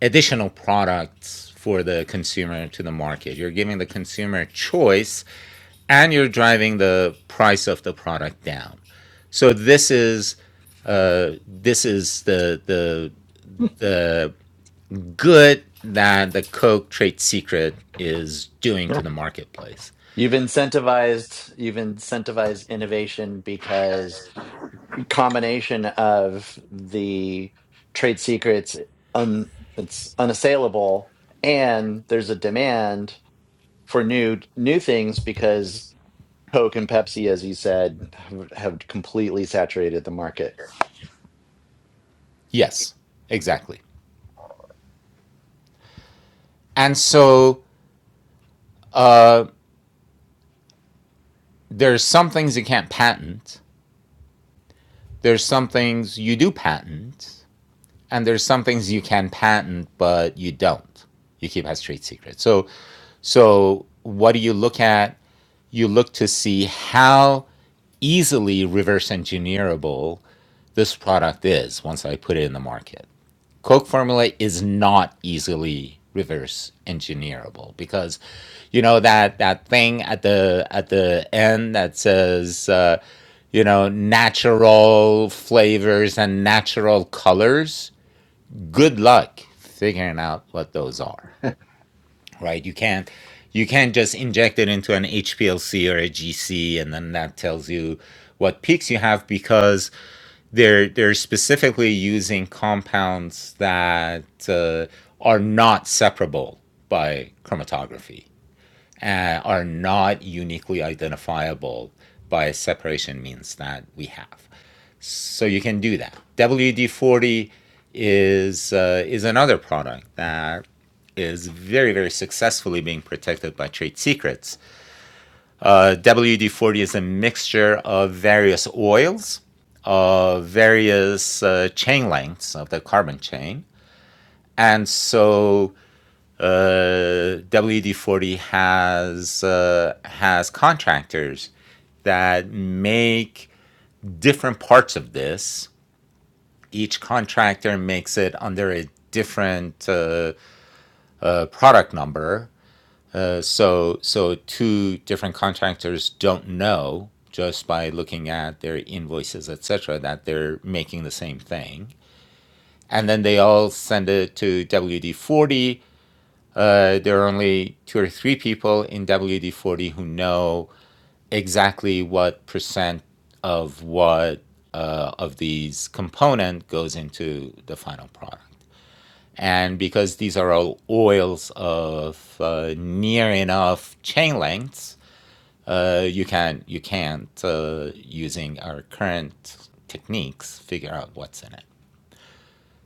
A: additional products for the consumer to the market. You're giving the consumer choice and you're driving the price of the product down. So this is uh, this is the the the good that the Coke trade secret is doing to the marketplace.
B: You've incentivized you've incentivized innovation because combination of the trade secrets un, it's unassailable and there's a demand for new new things because Coke and Pepsi, as you said, have, have completely saturated the market.
A: Yes, exactly. And so uh, there's some things you can't patent. There's some things you do patent, and there's some things you can patent but you don't. You keep as trade secret. So so what do you look at you look to see how easily reverse engineerable this product is once I put it in the market. Coke formula is not easily reverse engineerable because you know that that thing at the at the end that says uh, you know natural flavors and natural colors good luck figuring out what those are right? You can't you can't just inject it into an HPLC or a GC and then that tells you what peaks you have because they're they're specifically using compounds that uh, are not separable by chromatography, uh, are not uniquely identifiable by separation means that we have. So you can do that. WD-40 is uh, is another product that is very very successfully being protected by trade secrets. Uh, WD-40 is a mixture of various oils, of various uh, chain lengths of the carbon chain, and so uh, WD-40 has uh, has contractors that make different parts of this each contractor makes it under a different uh, uh, product number. Uh, so, so two different contractors don't know just by looking at their invoices, etc., that they're making the same thing. And then they all send it to WD40. Uh, there are only two or three people in WD40 who know exactly what percent of what uh, of these component goes into the final product. And because these are all oils of uh, near enough chain lengths, uh, you can you can't uh, using our current techniques figure out what's in it.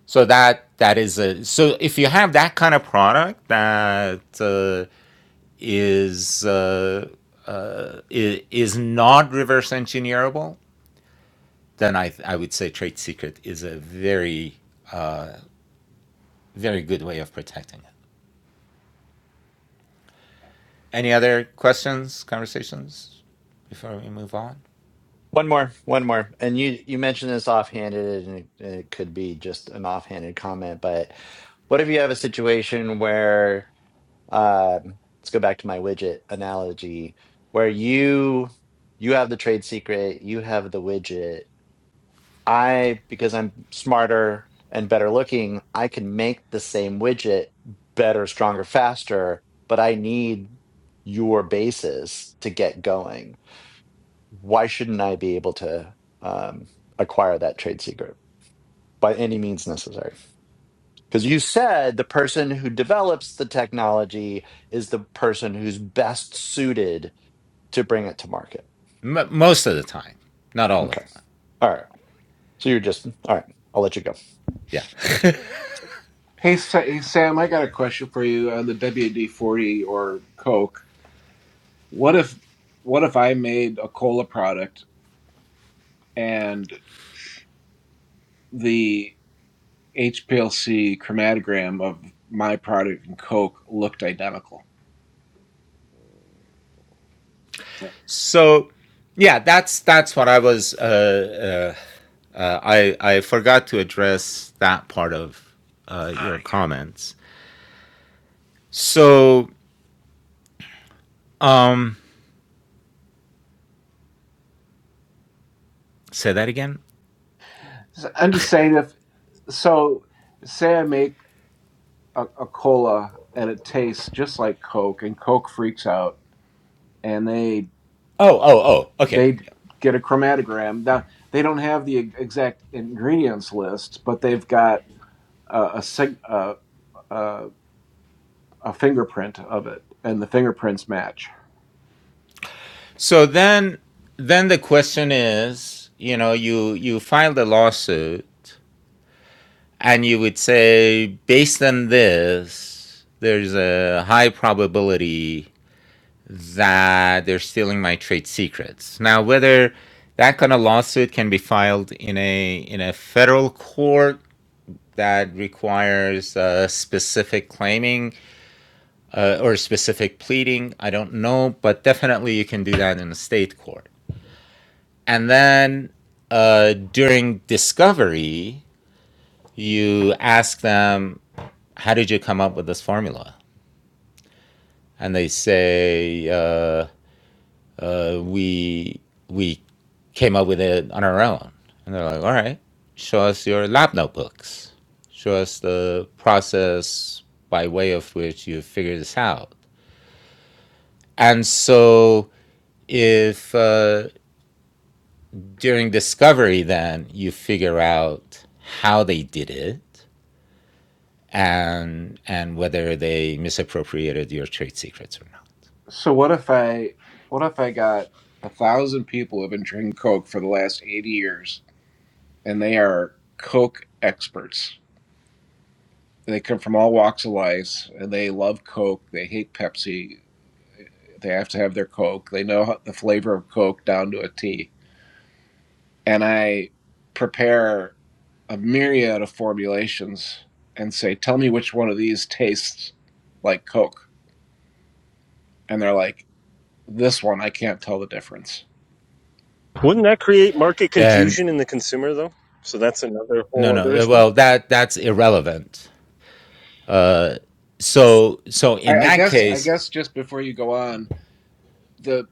A: So that that is a so if you have that kind of product that uh, is uh, uh, is not reverse engineerable, then I I would say trade secret is a very very good way of protecting it. Any other questions, conversations before we move on?
B: One more, one more. And you you mentioned this offhanded, and it, it could be just an offhanded comment, but what if you have a situation where, um, let's go back to my widget analogy, where you you have the trade secret, you have the widget. I, because I'm smarter and better looking, I can make the same widget better, stronger, faster, but I need your basis to get going why shouldn't I be able to um, acquire that trade secret by any means necessary? Because you said the person who develops the technology is the person who's best suited to bring it to market.
A: M- most of the time, not all the
B: Okay.
A: time.
B: All right. So you're just, all right. I'll let you go.
A: Yeah.
D: hey, Sa- hey sam i got a question for you on the wd-40 or coke what if what if i made a cola product and the HPLC chromatogram of my product and Coke looked identical.
A: so, yeah, that's that's what I was. Uh, uh, uh, I I forgot to address that part of uh, your comments. So, um, say that again.
D: So I'm just saying if so say I make a, a cola and it tastes just like Coke and Coke freaks out and they
A: Oh, oh, oh. Okay.
D: they
A: Yeah.
D: get a chromatogram. Now they don't have the e- exact ingredients list, but they've got a a, a, a fingerprint of it and the fingerprints match
A: So then, then the question is, you know, you you filed a lawsuit and you would say based on this there's a high probability that they're stealing my trade secrets now whether that kind of lawsuit can be filed in a in a federal court that requires uh, specific claiming uh, or specific pleading i don't know but definitely you can do that in a state court and then uh, during discovery you ask them how did you come up with this formula and they say uh, uh, we we came up with it on our own, and they're like, all right, show us your lab notebooks, show us the process by way of which you figured this out, and so if uh, during discovery then you figure out how they did it and and whether they misappropriated your trade secrets or not
D: So what if I what if I got a thousand people who've been drinking Coke for the last eighty years and they are Coke experts. They come from all walks of life and they love Coke, they hate Pepsi, they have to have their Coke, they know how- the flavor of Coke down to a T. And I prepare a myriad of formulations and say, Tell me which one of these tastes like Coke. And they're like, This one, I can't tell the difference
E: Wouldn't that create market
A: then
E: confusion in the consumer though? So that's another
A: no
E: whole other
A: no
E: issue.
A: well that that's irrelevant so so in
D: I, I
A: that
D: guess I
A: case
D: guess just before you go on, the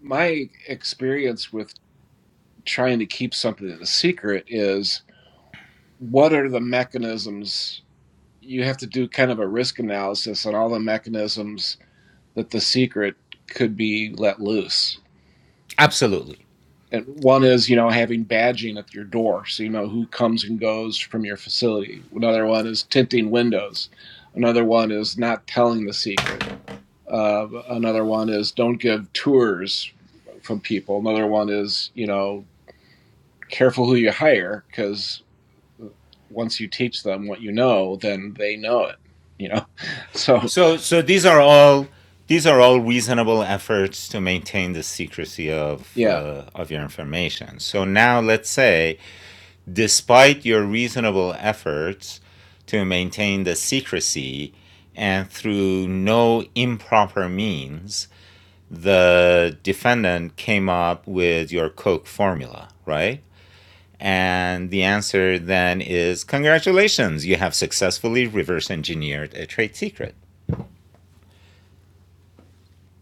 D: my experience with trying to keep something a secret is what are the mechanisms you have to do kind of a risk analysis on all the mechanisms that the secret could be let loose.
A: absolutely
D: And one is, you know, having badging at your door so you know who comes and goes from your facility. Another one is tinting windows. Another one is not telling the secret Uh, another one is don't give tours from people. Another one is, you know, careful who you hire because once you teach them what you know, then they know it, you know? So,
A: so so these are all these are all reasonable efforts to maintain the secrecy of
D: yeah,
A: uh, of your information so now let's say despite your reasonable efforts to maintain the secrecy and through no improper means the defendant came up with your coke formula right And the answer then is congratulations, you have successfully reverse engineered a trade secret.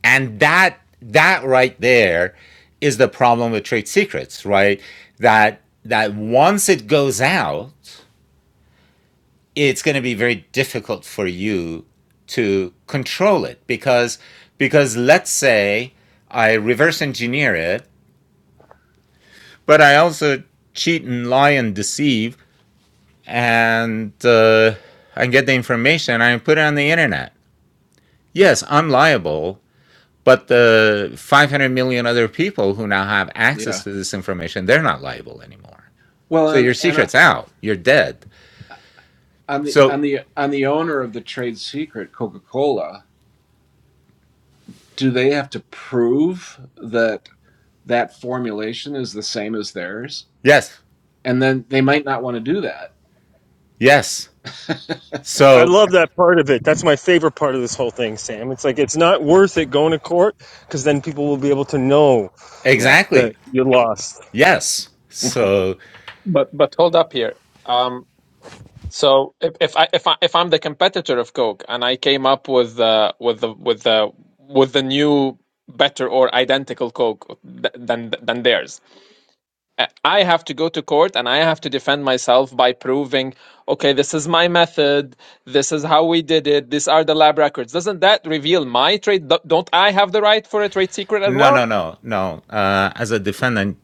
A: And that that right there is the problem with trade secrets, right? That that once it goes out, it's going to be very difficult for you to control it because because let's say I reverse engineer it, but I also cheat and lie and deceive and uh, I get the information and I put it on the internet. Yes, I'm liable, but the 500 million other people who now have
D: yeah.
A: access to this information, they're not liable anymore.
D: Well,
A: So
D: and,
A: your
D: and uh,
A: secret's out. You're dead.
D: on the,
A: So,
D: on the, on the owner of the trade secret, Coca-Cola, do they have to prove that that formulation is the same as theirs?
A: yes,
D: And then they might not want to do that.
A: yes.
E: I
A: So,
E: love that part of it. That's my favorite part of this whole thing, Sam. It's like it's not worth it going to court because then people will be able to know
D: Yeah.
E: that
A: exactly.
E: you lost.
A: Yes. So,
C: But but hold up here. Um, so if if I if I if I'm the competitor of Coke and I came up with uh with the with the with the new better or identical Coke th- than than theirs, I I have to go to court and I have to defend myself by proving, okay, this is my method. This is how we did it. These are the lab records. Doesn't that reveal my trade? Do- Don't I have the right for a trade secret as
A: no,
C: well?
A: no, no, no. Uh, as a defendant,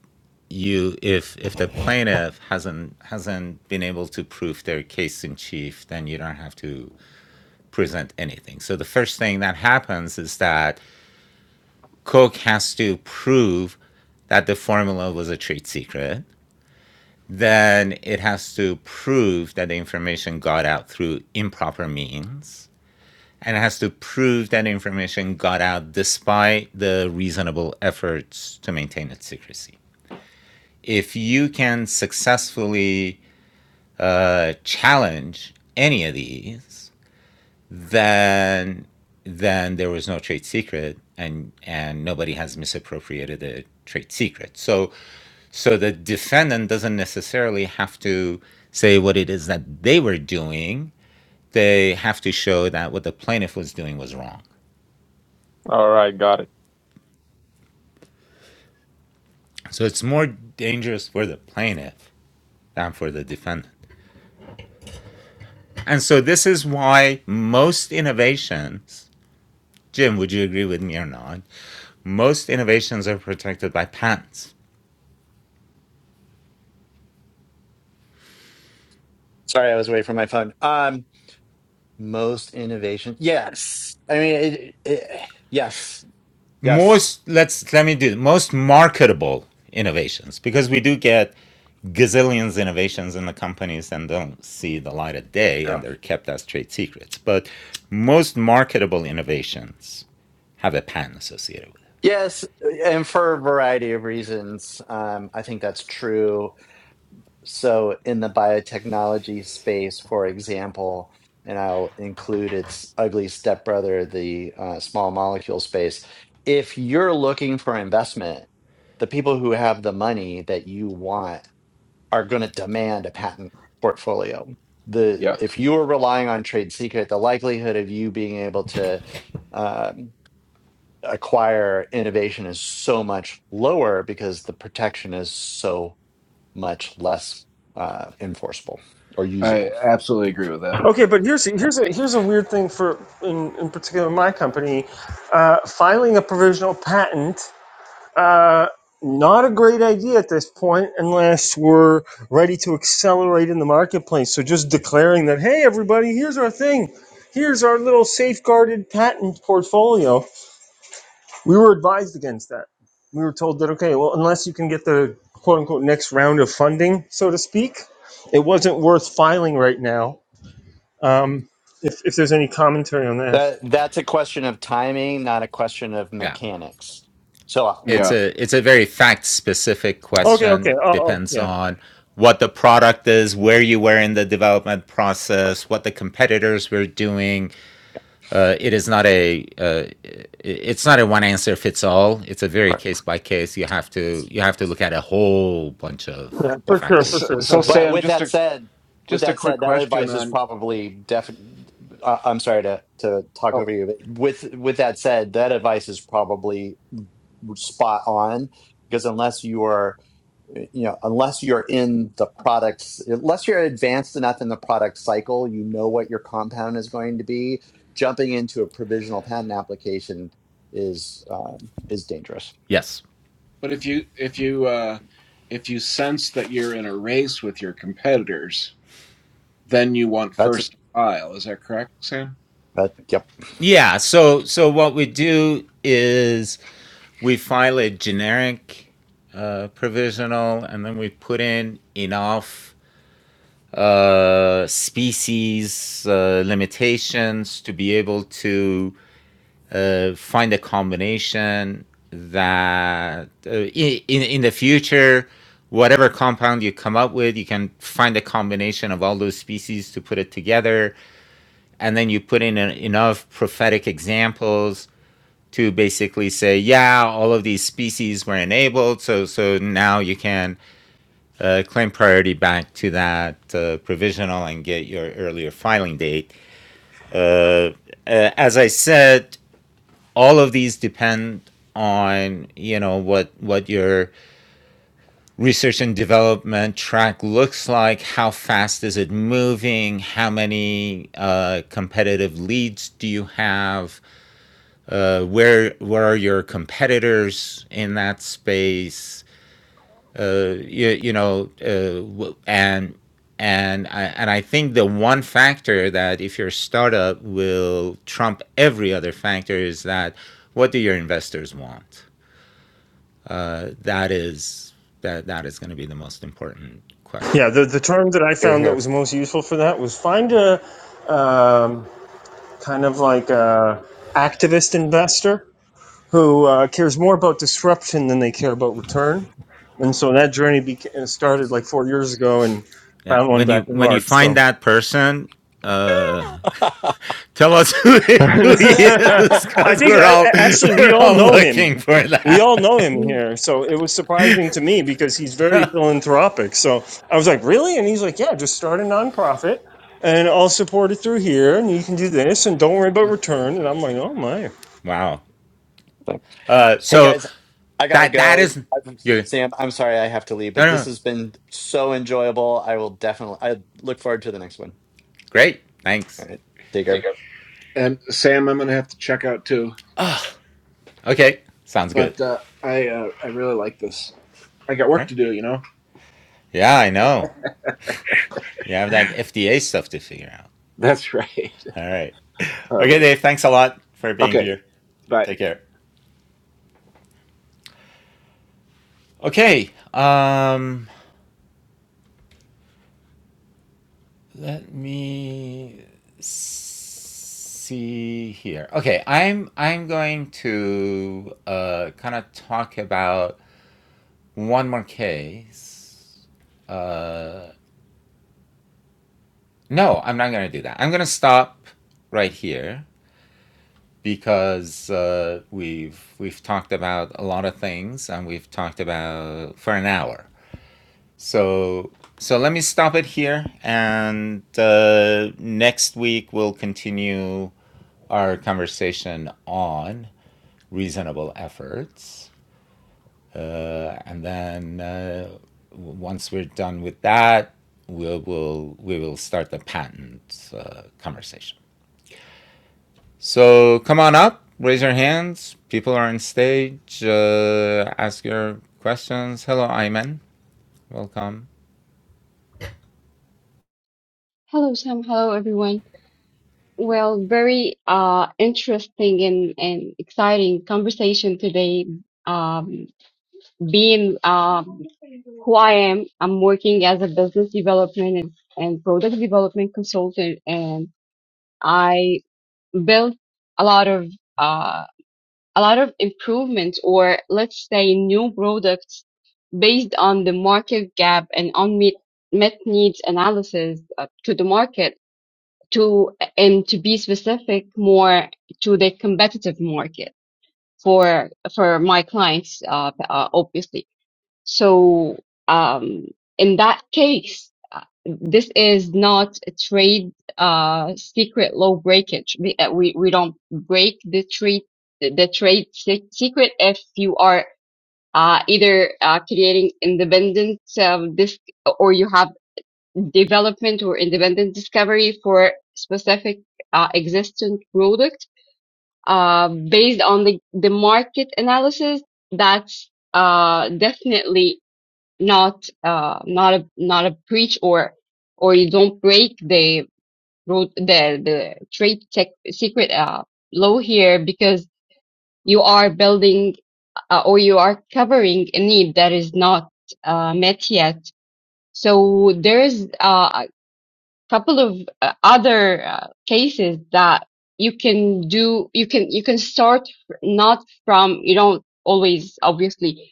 A: you if if the plaintiff hasn't hasn't been able to prove their case in chief, then you don't have to present anything. So the first thing that happens is that Cook has to prove that the formula was a trade secret. Then it has to prove that the information got out through improper means. And it has to prove that information got out despite the reasonable efforts to maintain its secrecy. If you can successfully uh, challenge any of these, then then there was no trade secret and and nobody has misappropriated the trade secret so so the defendant doesn't necessarily have to say what it is that they were doing they have to show that what the plaintiff was doing was wrong
C: All right, got it.
A: so it's more dangerous for the plaintiff than for the defendant and so this is why most innovations jim would you agree with me or not most innovations are protected by patents
B: Sorry, I was away from my phone. Um, most innovation. Yes. I mean, it, it, yes. Yes.
A: most let's let me do most marketable innovations because we do get gazillions innovations in the companies and don't see the light of day and
B: Yeah.
A: they're kept as trade secrets but most marketable innovations have a patent associated with it
B: Yes. And for a variety of reasons, um, I think that's true So, in the biotechnology space, for example, and I'll include its ugly stepbrother, the uh, small molecule space. If you're looking for investment, the people who have the money that you want are going to demand a patent portfolio. The
D: Yeah.
B: if you are relying on trade secret, the likelihood of you being able to um, acquire innovation is so much lower because the protection is so much less uh, enforceable or
D: I
B: usable.
D: absolutely agree with that.
E: Okay, but here's
B: Sure.
E: here's a here's a weird thing for in in particular my company, uh, filing a provisional patent. Uh, not a great idea at this point unless we're ready to accelerate in the marketplace. So just declaring that, hey, everybody, here's our thing. Here's our little safeguarded patent portfolio. We were advised against that. We were told that, okay, well, unless you can get the quote unquote next round of funding, so to speak, it wasn't worth filing right now. Um, if, if there's any commentary on that.
B: That that's a question of timing, not a question of
A: yeah
B: mechanics. So, uh,
A: it's
B: com-
D: Yeah.
A: a it's a very fact specific
E: Okay, okay.
A: question
E: Oh, oh
A: depends
E: yeah.
A: on what the product is where you were in the development
B: right,
A: process what the competitors were doing Uh, it is not a uh, it's not a one answer fits all. It's a very
B: Right.
A: case by case. You have to you have to look at a whole bunch
E: Yeah,
A: of
B: yeah.
E: for sure, for
A: factors
D: So,
A: to
D: so
E: sure.
A: decide that.
B: But
D: Sam,
B: with
D: just
B: that
D: a
B: said, with
D: just a
B: that
D: quick
B: said, that
D: question
B: advice is
D: on.
B: probably definitely. Uh, I'm sorry to to talk
D: Oh,
B: over you, but with with that said, that advice is probably spot on because unless you are eh, you know, unless you're in the products, unless you're advanced enough in the product cycle, you know what your compound is going to be. Jumping into a provisional patent application is um, is dangerous.
A: Yes.
D: but if you if you uh, if you sense that you're in a race with your competitors, then you want
B: That's it.
D: first to file. Is that correct, Sam?
B: That, yep.
A: Yeah. So so what we do is we file a generic uh, provisional, and then we put in enough uh, species uh, limitations to be able to uh, find a combination that uh, in, in the future, whatever compound you come up with, you can find a combination of all those species to put it together. And then you put in en- enough prophetic examples to basically say, yeah, all of these species were enabled. So, so now you can uh, claim priority back to that uh, provisional and get your earlier filing date. Uh, uh, as I said, all of these depend on you know what what your research and development track looks like how fast is it moving how many uh, competitive leads do you have uh, where where are your competitors in that space uh, you, you know uh, and and I, and I think the one factor that if your startup will trump every other factor is that what do your investors want uh, that is that that is going to be the most important question.
E: Yeah, the, the term that I
B: Here,
E: found that
B: here.
E: was most useful for that was find a um, kind of like a activist investor who uh, cares more about disruption than they care about return. And so that journey beca- uh, started like four years ago and
A: Yeah,
E: found one
A: when
E: back
A: you
E: in
A: when you
E: March.
A: find
E: So
A: that person, uh, tell us who,
E: I
A: who he
B: yeah.
A: is because
E: think
A: we're
E: I,
A: all
E: I- actually we
A: we're
E: all
A: all
E: know him.
A: looking for
E: we
A: that.
E: all know him here, so it was surprising to me because he's very philanthropic. So I was like, "Really?" And he's like, "Yeah, just start a nonprofit, and I'll support it through here, and you can do this, and don't worry about
D: There
E: return." And I'm like, "Oh my,
A: Wow. Uh,
B: Hey
A: so
B: guys, I gotta
A: that that
B: go.
A: is
B: I'm,
A: you.
B: Sam, I'm sorry I have to leave,
A: No,
B: but
A: no,
B: this
A: no.
B: has been so enjoyable. I will definitely. I look forward to the next one.
A: great. Thanks.
B: All right. Take care.
D: And Sam, I'm going to have to check out too.
A: Okay, sounds good.
D: But uh, I uh, I really like this. I got
A: All
D: work
A: right.
D: to do, you know.
A: Yeah, I know. You have that FDA stuff to figure out.
D: That's right.
A: All right.
D: Um,
A: Okay, Dave. Thanks a lot for being
D: okay.
A: here.
D: Bye.
A: Take care. Okay. Um, let me see here. Okay, I'm I'm going to uh, kind of talk about one more case. Uh, no, I'm not going to do that. I'm going to stop right here because uh, we've we've talked about a lot of things and we've talked about for an hour. So so let me stop it here, and uh, next week we'll continue our conversation on reasonable efforts, uh, and then uh, once we're done with that, we will we will start the patent uh, conversation. So come on up, raise your hands. People are on stage. Uh, ask your questions. Hello, Ayman. Welcome.
F: Hello, Sam. Hello, everyone. Well, very uh, interesting and, and exciting conversation today. Um, being um, who I am, I'm working as a business development and, and product development consultant, and I built a lot of uh, a lot of improvements, or let's say new products, based on the market gap and unmet met needs analysis uh, to the market to and to be specific more to the competitive market for for my clients uh, uh obviously so um in that case uh, this is not a trade uh secret law breakage we uh, we, we don't break the trade the trade se- secret if you are uh, either uh, creating independent um, this or you have development or independent discovery for specific uh, existent product uh, based on the, the market analysis that's uh, definitely not uh, not a not a breach or or you don't break the road the the trade tech secret uh, law here because you are building uh, or you are covering a need that is not uh, met yet so there's uh, couple of uh, other uh, cases that you can do you can you can start not from you don't always obviously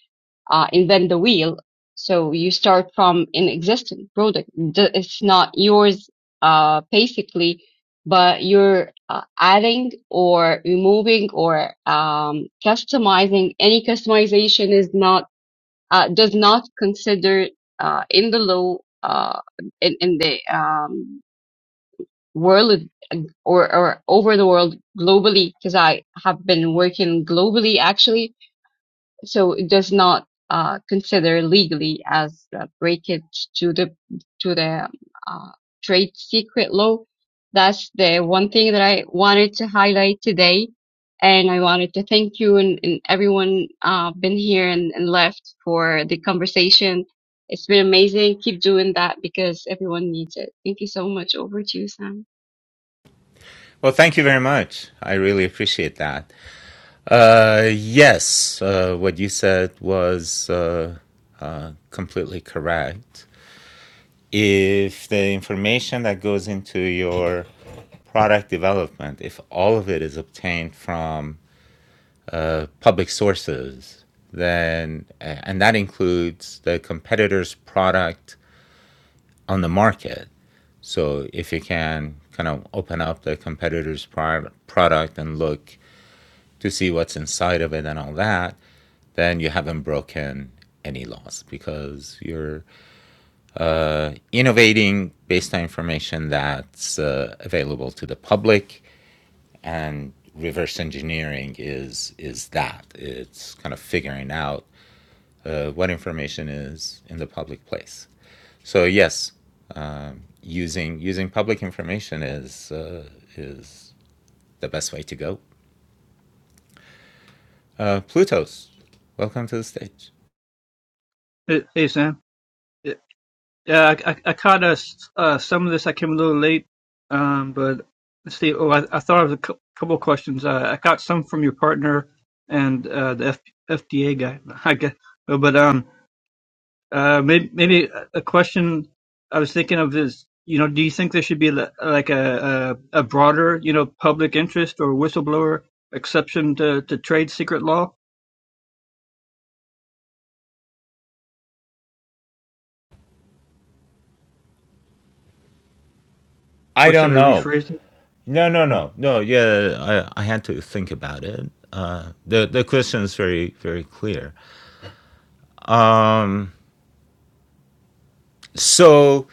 F: uh, invent the wheel so you start from an existing product D- it's not yours uh, basically but you're uh, adding or removing or um, customizing any customization is not uh, does not consider uh, in the law uh, in, in the um, world or, or over the world globally because I have been working globally actually. So it does not uh, consider legally as a breakage to the to the uh, trade secret law. That's the one thing that I wanted to highlight today. And I wanted to thank you and, and everyone uh, been here and, and left for the conversation. It's been amazing. Keep doing that because everyone needs it. Thank you so much. Over to you, Sam.
A: Well, thank you very much. I really appreciate that. Uh, yes, uh, what you said was uh, uh, completely correct. If the information that goes into your product development, if all of it is obtained from uh, public sources, then, uh, and that includes the competitor's product on the market. So if you can kind of open up the competitor's product and look to see what's inside of it and all that, then you haven't broken any laws because you're uh, innovating based on information that's uh, available to the public and reverse engineering is is that it's kind of figuring out uh, what information is in the public place so yes um, using using public information is uh, is the best way to go uh, plutos welcome to the stage
G: Hey, hey, Sam. Yeah, I, I, I caught uh, s- uh, some of this. I came a little late, um, but let's see. Oh, I, I thought of a cou- couple of questions. Uh, I got some from your partner and uh, the F, FDA guy, I guess. Uh, But um, uh, maybe, maybe a a question I was thinking of is, you know, do you think there should be li- like a, like a, a broader, you know, public interest or whistleblower exception to, to trade secret law,
A: i
G: or should
A: don't
G: I
A: know
G: rephrase
A: No, no, no, no. Yeah, I, I had to think about it. Uh, the the question is very very clear. Um, so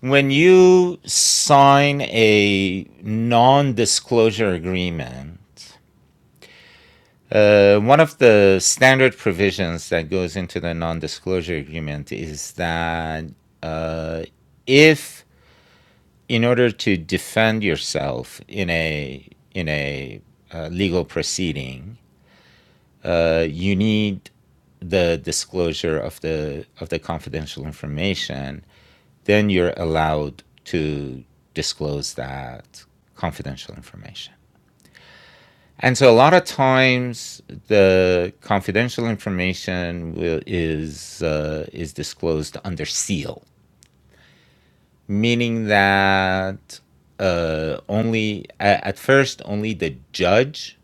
A: when you sign a non-disclosure agreement, uh, one of the standard provisions that goes into the non-disclosure agreement is that uh, if in order to defend yourself in a in a uh, legal proceeding, uh, you need the disclosure of the of the confidential information, then you're allowed to disclose that confidential information. And so a lot of times the confidential information will, is uh, is disclosed under seal, meaning that uh, only at first only the judge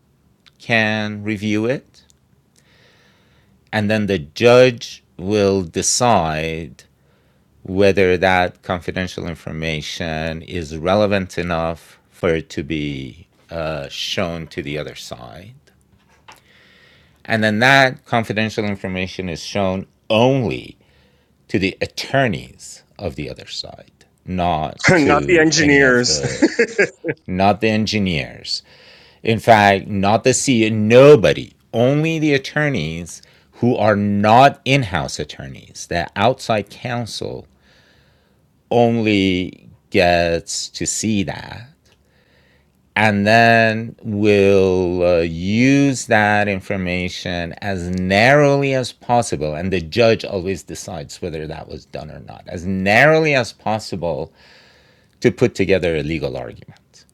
A: can review it, and then the judge will decide whether that confidential information is relevant enough for it to be uh, shown to the other side. And then that confidential information is shown only to the attorneys of the other side, not
E: not the
A: to any of
E: engineers."
A: the, not the engineers. In fact, not the CEO, nobody, only the attorneys who are not in house attorneys, the outside counsel only gets to see that and then will uh, use that information as narrowly as possible and the judge always decides whether that was done or not as narrowly as possible to put together a legal argument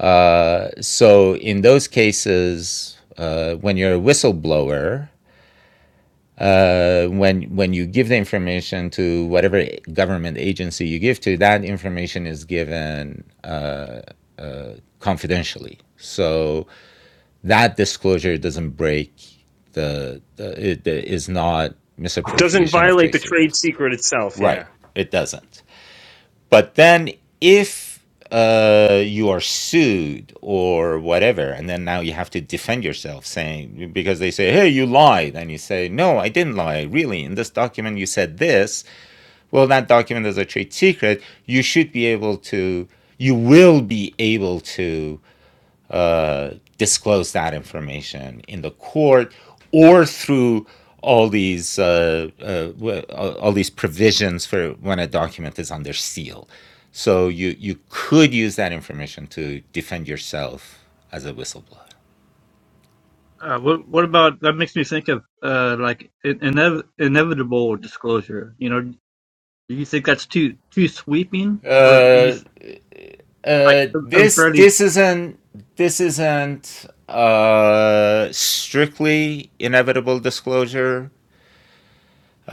A: uh, so in those cases uh, when you're a whistleblower uh, when when you give the information to whatever government agency you give to, that information is given confidentially. So that disclosure doesn't break the, the it the, is not
E: Doesn't
A: misappropriation of
E: violate
A: trade
E: the trade
A: secrets.
E: secret itself,
A: Right.
E: yeah.
A: It doesn't. But then if uh, you are sued or whatever, and then now you have to defend yourself saying, because they say, hey, you lied. And you say, no, I didn't lie. Really, in this document, you said this. Well, that document is a trade secret. You should be able to, you will be able to uh, disclose that information in the court or through all these uh, uh, all all these provisions for when a document is under seal. So you you could use that information to defend yourself as a whistleblower.
G: Uh, what what about that makes me think of uh like in, inev- inevitable disclosure. You know, do you think that's too too sweeping, or do
A: Uh,
G: you th- like
A: uh,
G: un-
A: this
G: unfairly?
A: this isn't this isn't uh, strictly inevitable disclosure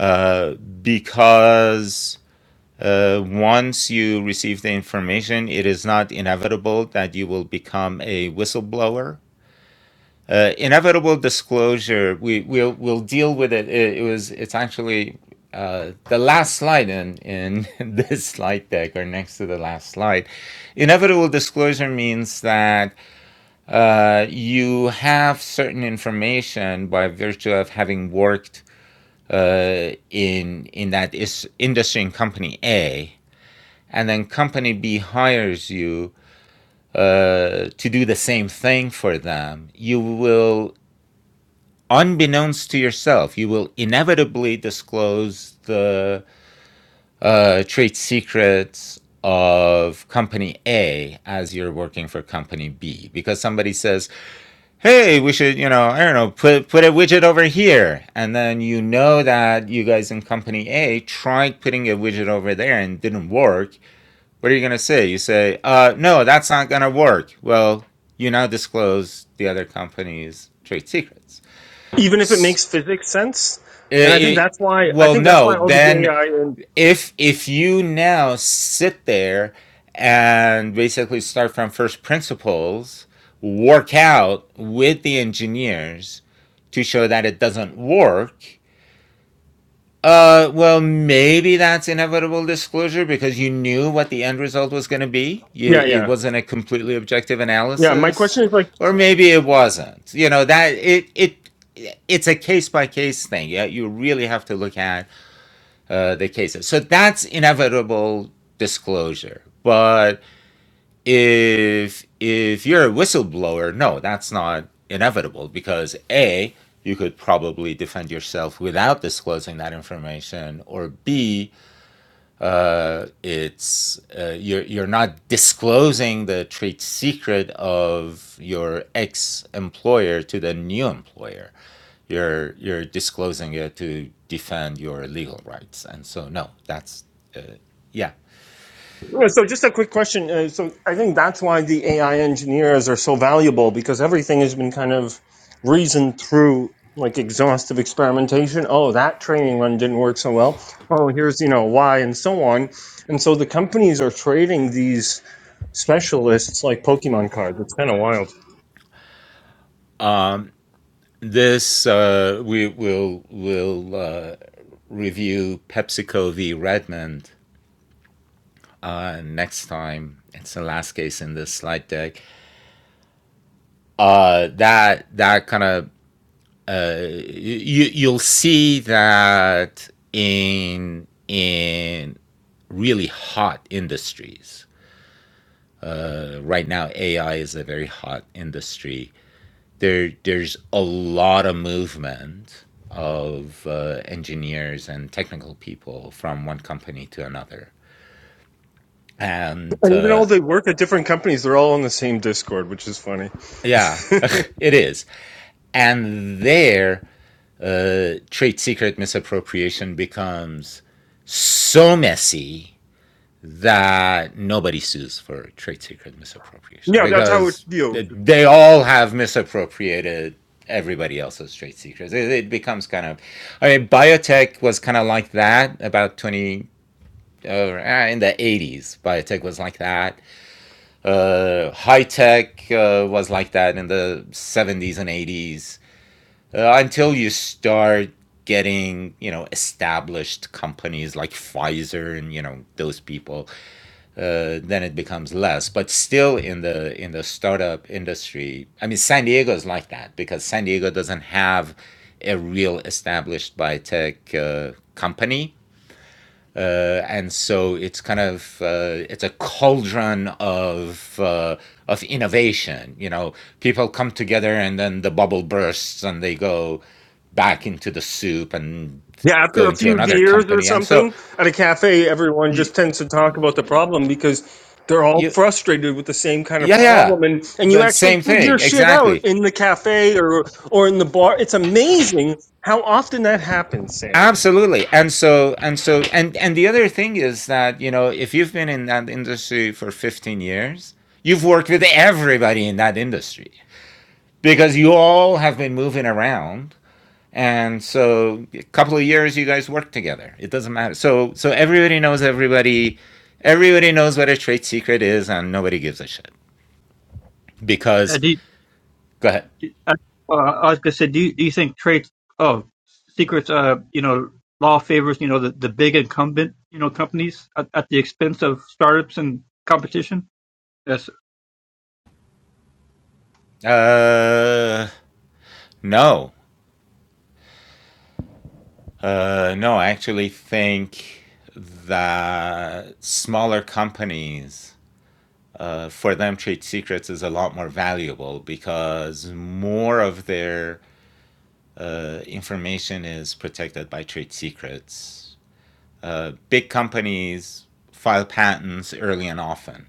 A: uh, because Uh, once you receive the information, it is not inevitable that you will become a whistleblower. Uh, inevitable disclosure, we, we'll, we'll deal with it. It, it was, it's actually uh, the last slide in, in this slide deck or next to the last slide. Inevitable disclosure means that uh, you have certain information by virtue of having worked uh, in in that is industry in company A and then company B hires you uh, to do the same thing for them, you will, unbeknownst to yourself, you will inevitably disclose the uh, trade secrets of company A as you're working for company B because somebody says, "Hey, we should, you know, I don't know, put put a widget over here." And then you know that you guys in company A tried putting a widget over there and didn't work. What are you going to say? You say, uh, no, that's not going to work. Well, you now disclose the other company's trade secrets.
E: Even if it makes physics sense,
A: I
E: and I think
A: i
E: that's why I
A: well,
E: think that's
A: no,
E: why all the
A: then
E: AI and
A: if if you now sit there and basically start from first principles, work out with the engineers to show that it doesn't work, Uh, well, maybe that's inevitable disclosure because you knew what the end result was going to be. You,
E: yeah,
A: it
E: yeah,
A: wasn't a completely objective
E: yeah. My
A: analysis,
E: question is like
A: or maybe it wasn't. You know that it it it's a case by case thing. Yeah, you really have to look at uh, the cases. So that's inevitable disclosure, but if if you're a whistleblower, no, that's not inevitable because a you could probably defend yourself without disclosing that information, or b uh, it's uh, you're you're not disclosing the trade secret of your ex employer to the new employer. You're you're disclosing it to defend your legal rights, and so no, that's uh, yeah.
E: Well, So, just a quick question. Uh, so, I think that's why the AI engineers are so valuable because everything has been kind of reasoned through like exhaustive experimentation. Oh, that training run didn't work so well. Oh, here's you know why, and so on. And so the companies are trading these specialists like Pokemon cards. It's kind of wild.
A: This uh, we will will uh, review PepsiCo v. Redmond uh, next time. It's the last case in this slide deck. Uh, that that kind of uh, you you'll see that in in really hot industries. Uh, right now, AI is a very hot industry there there's a lot of movement of uh, engineers and technical people from one company to another and
E: And even though
A: uh,
E: they work at different companies, they're all on the same Discord, which is funny.
A: yeah it is and there uh, trade secret misappropriation becomes so messy that nobody sues for trade secret misappropriation
E: yeah, that's how it
A: because
E: feels.
A: they all have misappropriated everybody else's trade secrets. It, it becomes kind of, I mean, biotech was kind of like that about 20, uh, in the 80s. Biotech was like that. Uh, high tech uh, was like that in the 70s and 80s uh, until you start getting you know established companies like Pfizer and you know those people uh, then it becomes less. But still, in the in the startup industry, I mean, San Diego is like that because San Diego doesn't have a real established biotech uh, company, uh, and so it's kind of uh, it's a cauldron of uh, of innovation. You know, people come together, and then the bubble bursts, and they go back into the soup and
E: Yeah,
A: go
E: after a
A: into
E: few
A: another
E: beers or
A: company. And so
E: something at a cafe, everyone
A: you
E: just tends to talk about the problem because they're all
A: you
E: frustrated with the same kind of
A: yeah yeah
E: problem, and and you
A: but
E: actually
A: same
E: figure
A: thing
E: shit out
A: exactly
E: in the cafe or or in the bar. It's amazing how often that happens, Sam.
A: absolutely and so and so and and the other thing is that you know if you've been in that industry for 15 years you've worked with everybody in that industry because you all have been moving around and so a couple of years you guys work together it doesn't matter so so everybody knows everybody everybody knows what a trade secret is and nobody gives a shit
G: Uh,
A: because
G: do,
A: go ahead
G: do uh, uh, well, I was gonna say, do you, do you think traits? Oh, secrets. Uh, you know, law favors you know the, the big incumbent you know companies at, at the expense of startups and competition. Yes,
A: uh no Uh, no, I actually think that smaller companies, uh, for them, trade secrets is a lot more valuable because more of their uh, information is protected by trade secrets. Uh, big companies file patents early and often.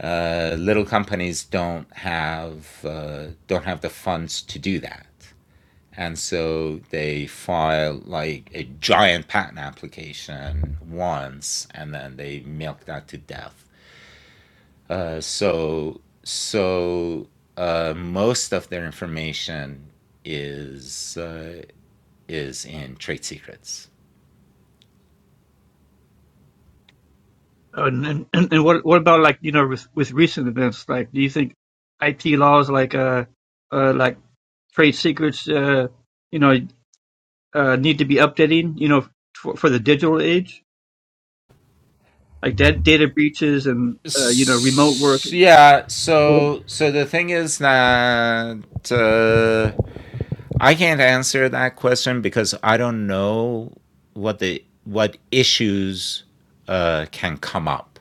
A: Uh, little companies don't have uh, don't have the funds to do that. And so they file like a giant patent application once, and then they milk that to death. Uh, so so uh, most of their information is uh, is in trade secrets.
G: and and, and and what what about like you know with with recent events? Like, do you think IP laws like uh uh, like trade secrets, uh, you know, uh, need to be updating, you know, for, for the digital age, like da- data breaches and, uh, you know, remote work.
A: S- yeah.
G: Uh,
A: So so the thing is that. Uh, I can't answer that question because I don't know what the what issues uh, can come up.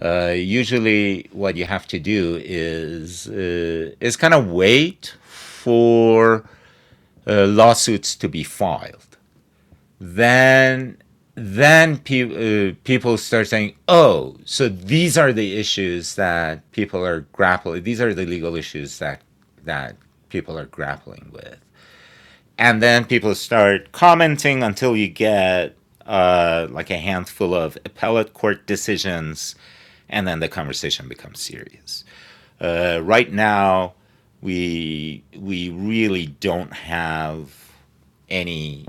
A: Uh, usually, what you have to do is uh, is kind of wait for uh, lawsuits to be filed. Then then pe- uh, people start saying, "Oh, so these are the issues that people are grappling. These are the legal issues that that people are grappling with." and then people start commenting until you get uh, like a handful of appellate court decisions, and then the conversation becomes serious. Uh, right now, we we really don't have any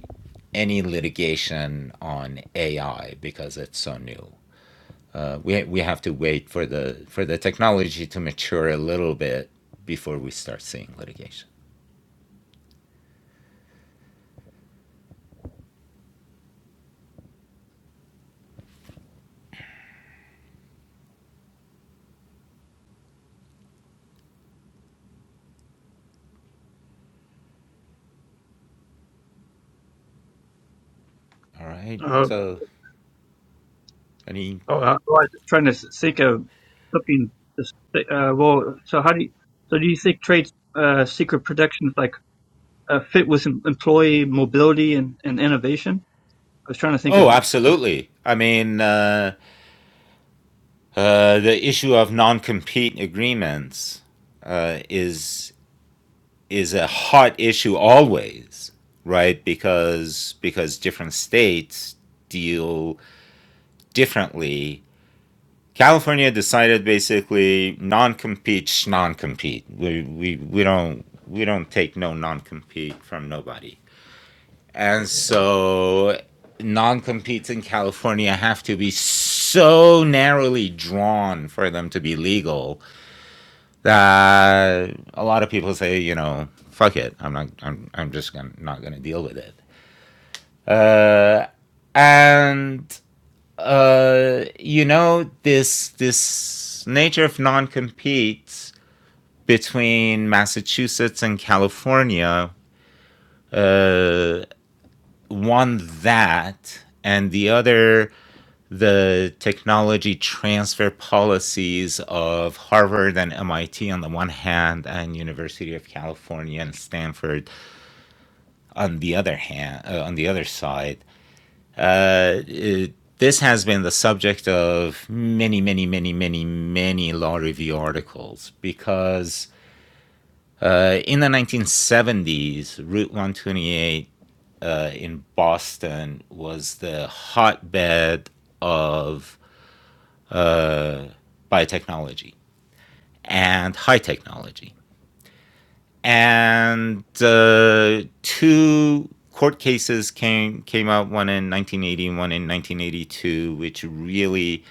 A: any litigation on AI because it's so new. Uh, we we have to wait for the for the technology to mature a little bit before we start seeing litigation. All right.
G: oh,
A: So any
G: I was trying to think of something. To say, uh, well, so how do you, so do you think trade uh, secret protection like uh, fit with em- employee mobility and, and innovation? I was trying to think of
A: Oh,
G: what to
A: absolutely. I mean, uh, uh, the issue of non-compete agreements uh, is is a hot issue always, right? Because because different states deal differently. California decided basically non-compete, non-compete. We, we, we don't we don't take no non-compete from nobody And so non competes in California have to be so narrowly drawn for them to be legal that a lot of people say, you know, fuck it. I'm not, I'm, I'm just gonna, not going to deal with it. Uh, and, uh, you know, this, this nature of non competes between Massachusetts and California, uh, one that, and the other the technology transfer policies of Harvard and MIT on the one hand, and University of California and Stanford on the other hand, uh, on the other side. Uh, it- this has been the subject of many, many, many, many, many law review articles because uh, in the 1970s, Route 128 uh, in Boston was the hotbed of uh, by and high technology. And uh, two court cases came came out one in 1980 and one in 1982, which really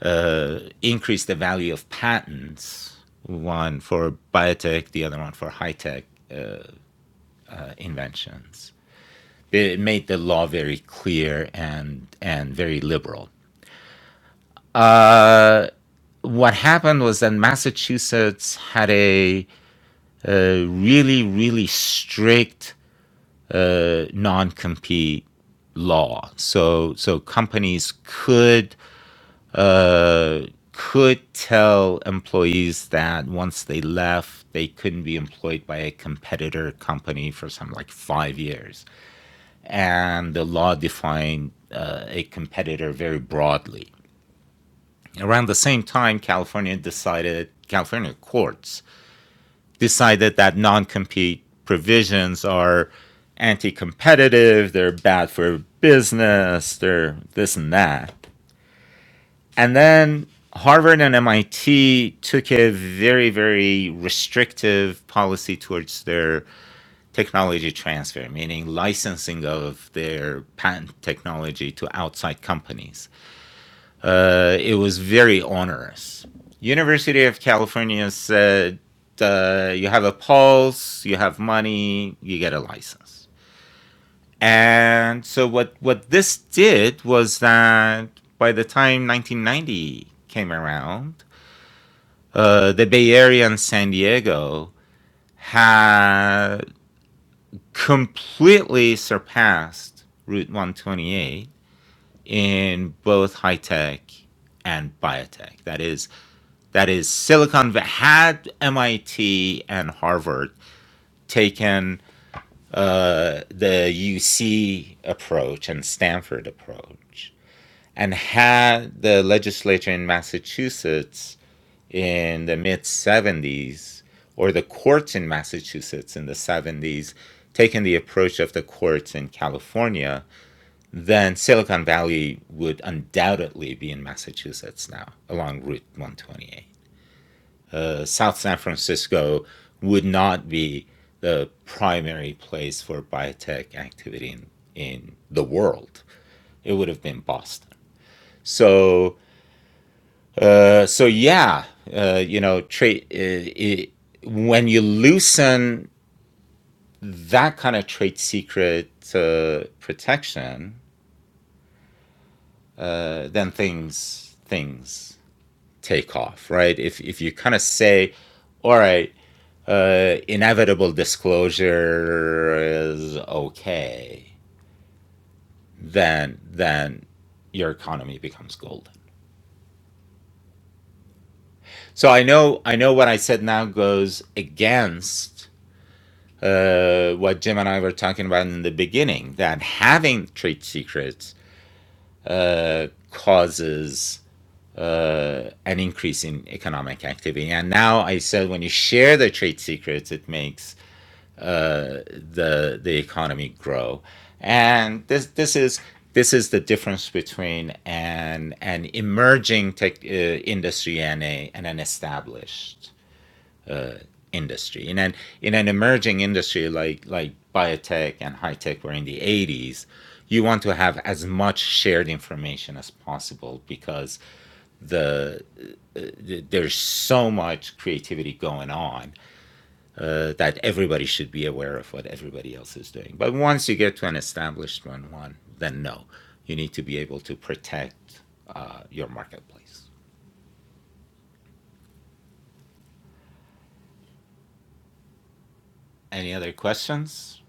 A: uh, increased the value of patents. One for biotech, the other one for high tech uh, inventions. It made the law very clear and and very liberal. Uh, what happened was that Massachusetts had a uh, really, really strict uh, non-compete law. So, so companies could uh, could tell employees that once they left, they couldn't be employed by a competitor company for some like five years. And the law defined uh, a competitor very broadly. Around the same time, California decided, California courts decided that non compete provisions are anti competitive, they're bad for business, they're this and that. And then Harvard and MIT took a very, very restrictive policy towards their technology transfer, meaning licensing of their patent technology to outside companies uh, it was very onerous. University of California said, uh, you have a pulse, you have money, you get a license. And so what what this did was that by the time 1990 came around, uh, the Bay Area and San Diego had completely surpassed Route 128 in both high tech and biotech. That is, that is Silicon Valley had MIT and Harvard taken uh, the UC approach and Stanford approach, and had the legislature in Massachusetts in the mid 70s or the courts in Massachusetts in the 70s taken the approach of the courts in California, then Silicon Valley would undoubtedly be in Massachusetts now along Route 128. uh, South San Francisco would not be the primary place for biotech activity in, in the world. It would have been Boston. So, uh, so yeah, uh, you know, trade. Uh, when you loosen that kind of trade secret uh, protection, uh, then things things take off, right? If if you kind of say, all right, uh, inevitable disclosure is okay, then then your economy becomes gold. So I know I know what I said now goes against uh, what Jim and I were talking about in the beginning that having trade secrets uh, causes uh, an increase in economic activity. And now I said when you share the trade secrets, it makes uh, the the economy grow. And this this is this is the difference between an an emerging tech uh, industry and a and an established uh, industry. In an in an emerging industry like like biotech and high tech were in the 80s, you want to have as much shared information as possible because the, uh, the there's so much creativity going on uh, that everybody should be aware of what everybody else is doing. But once you get to an establishment one, then no, you need to be able to protect uh, your marketplace. Any other questions?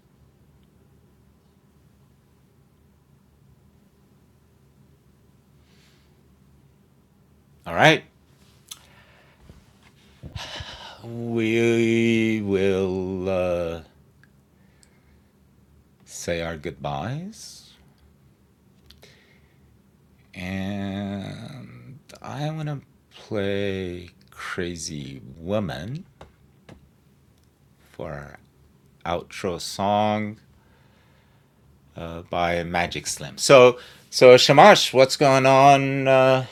A: All right, we will uh, say our goodbyes, and I want to play "Crazy Woman" for our outro song. uh, by Magic Slim. So, so Shamash, what's going on uh,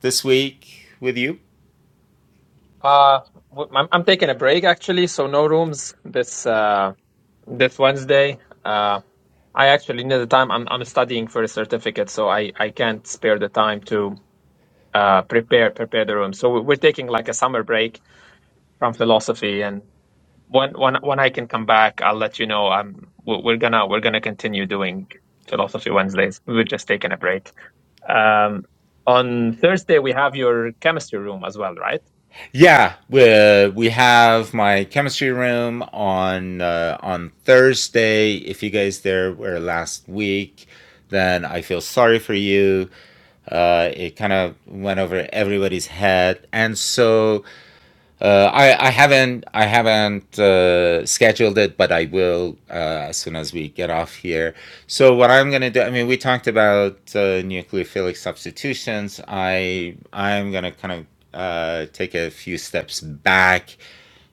A: this week with you?
C: Uh, w- I'm, I'm taking a break actually, so no rooms this uh this Wednesday. Uh, I actually need the time. I'm I'm studying for a certificate, so I I can't spare the time to uh, prepare prepare the room. So we- we're taking like a summer break from philosophy, and when when when I can come back, I'll let you know. I'm we're we're gonna we're gonna continue doing philosophy Wednesdays. We're just taking a break. Um, on Thursday we have your chemistry room as well, right?
A: Yeah, we we have my chemistry room on uh, on Thursday. If you guys there were last week, then I feel sorry for you. Uh, it kind of went over everybody's head, and so Uh, I I haven't I haven't uh, scheduled it, but I will uh, as soon as we get off here. So what I'm gonna do? I mean, we talked about uh, nucleophilic substitutions. I I'm gonna kind of uh, take a few steps back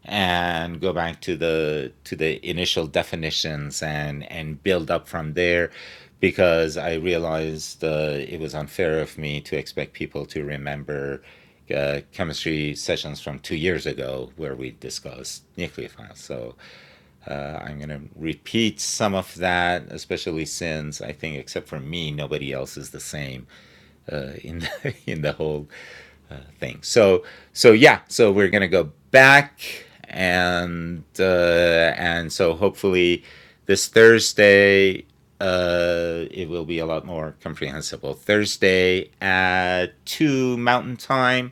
A: and go back to the to the initial definitions and and build up from there because I realized uh, it was unfair of me to expect people to remember uh, chemistry sessions from two years ago where we discussed nucleophiles. So uh, I'm going to repeat some of that, especially since I think, except for me, nobody else is the same uh, in the, in the whole thing. So so yeah, so we're gonna go back and uh, and so hopefully this Thursday uh, it will be a lot more comprehensible. Thursday at two Mountain Time,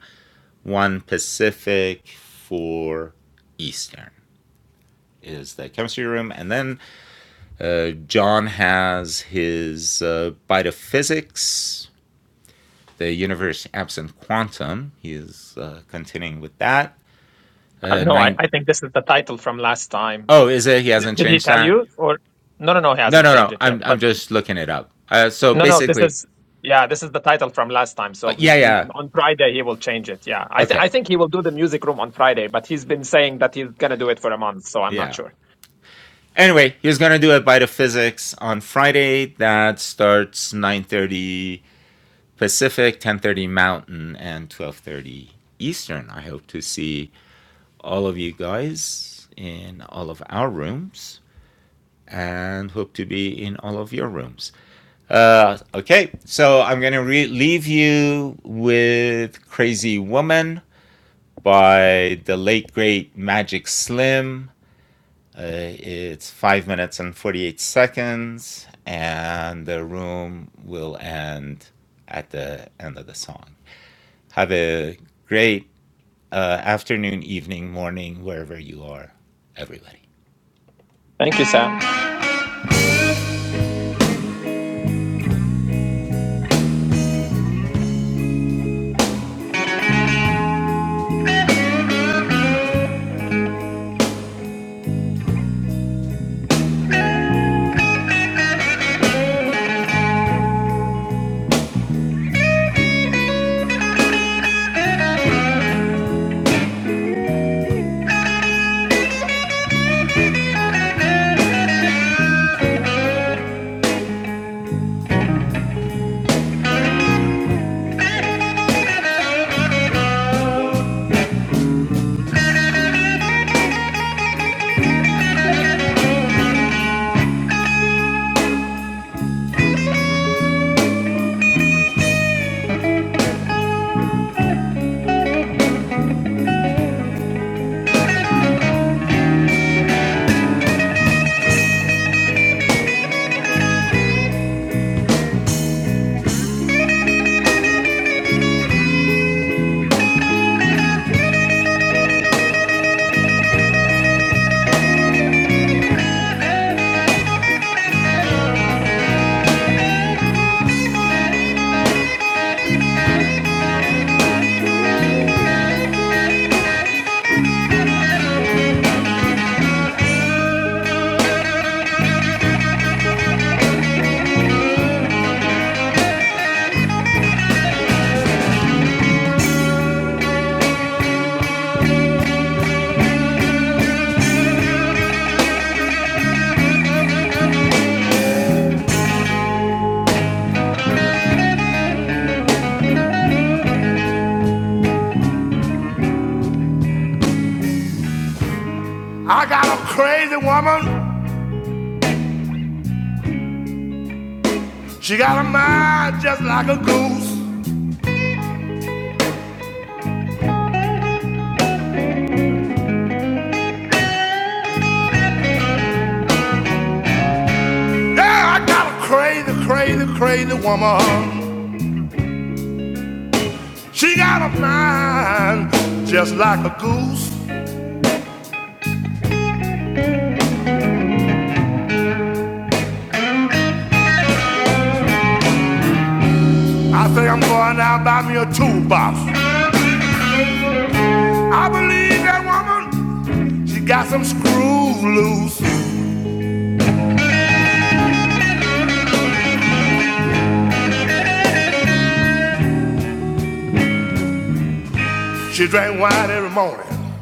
A: one Pacific, four Eastern is the chemistry room, and then uh, John has his uh, biophysics, the universe absent quantum. He is uh, continuing with that.
C: Uh,
A: Uh,
C: no, I,
A: nine.
C: I think this is the title from last time.
A: Oh, is it? He
C: Did,
A: hasn't
C: did he
A: changed
C: tell
A: that.
C: you? Or no, no, no, he
A: No,
C: hasn't
A: no,
C: changed
A: no.
C: it yet.
A: I'm
C: But
A: I'm just looking it up. Uh, so
C: No, no, this
A: basically,
C: is yeah, this is the title from last time.
A: uh,
C: So
A: yeah,
C: mm,
A: yeah.
C: mm, on Friday he will change it. Yeah, I th- I
A: Okay,
C: think he will do the music room on Friday, but he's been saying that he's gonna do it for a month, so I'm not
A: yeah.
C: sure.
A: Anyway, he's gonna do a bite of physics on Friday. That starts 9:30 Pacific, 10:30 Mountain, and 12:30 Eastern. I hope to see all of you guys in all of our rooms, and hope to be in all of your rooms. Uh, okay, so I'm gonna re- leave you with "Crazy Woman" by the late great Magic Slim. Uh, it's five minutes and forty-eight seconds, and the room will end at the end of the song. Have a great uh, afternoon, evening, morning, wherever you are, everybody.
C: Thank you, Sam.
A: I got a crazy woman. She got a mind just like a goose. Yeah, I got a crazy, crazy, crazy woman. She got a mind just like a goose. I think I'm going out and buy me a toolbox. I believe that woman. She got some screws loose. She drank wine every morning.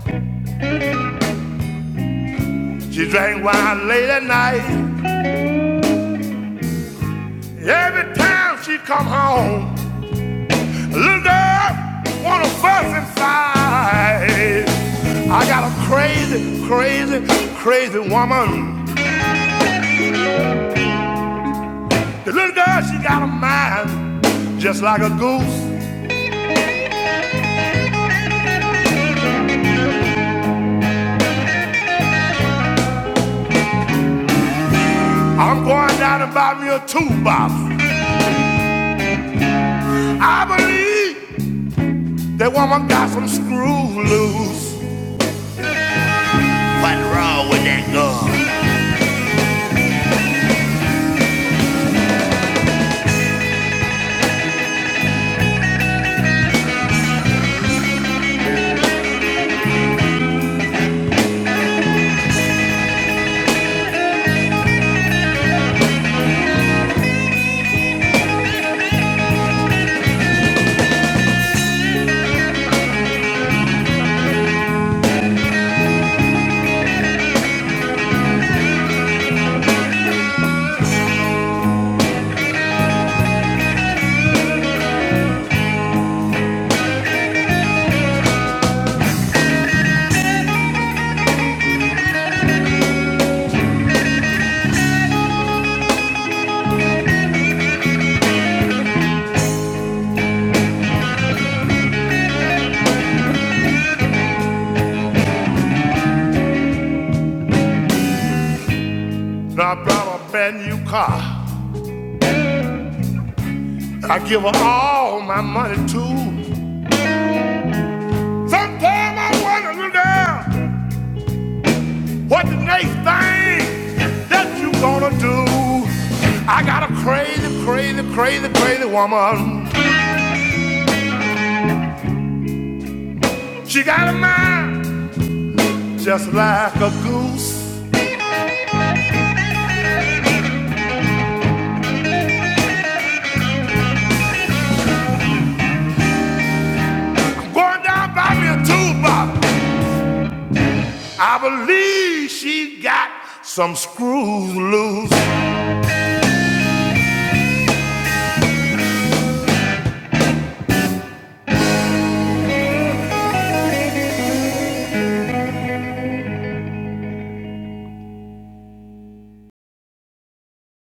A: She drank wine late at night. Every time she come home, a little girl wanna fuss inside. I got a crazy, crazy, crazy woman. The little girl, she got a mind just like a goose. I'm going down and buy me a toolbox. I believe that woman got some screw loose. What's wrong with that girl? Now I brought her a brand new car. I give her all my money too. Sometimes I wonder, little girl, what the next thing that you gonna do? I got a crazy, crazy, crazy, crazy woman. She got a mind just like a goose. I'm going down by me a toolbox. I believe she got some screws loose.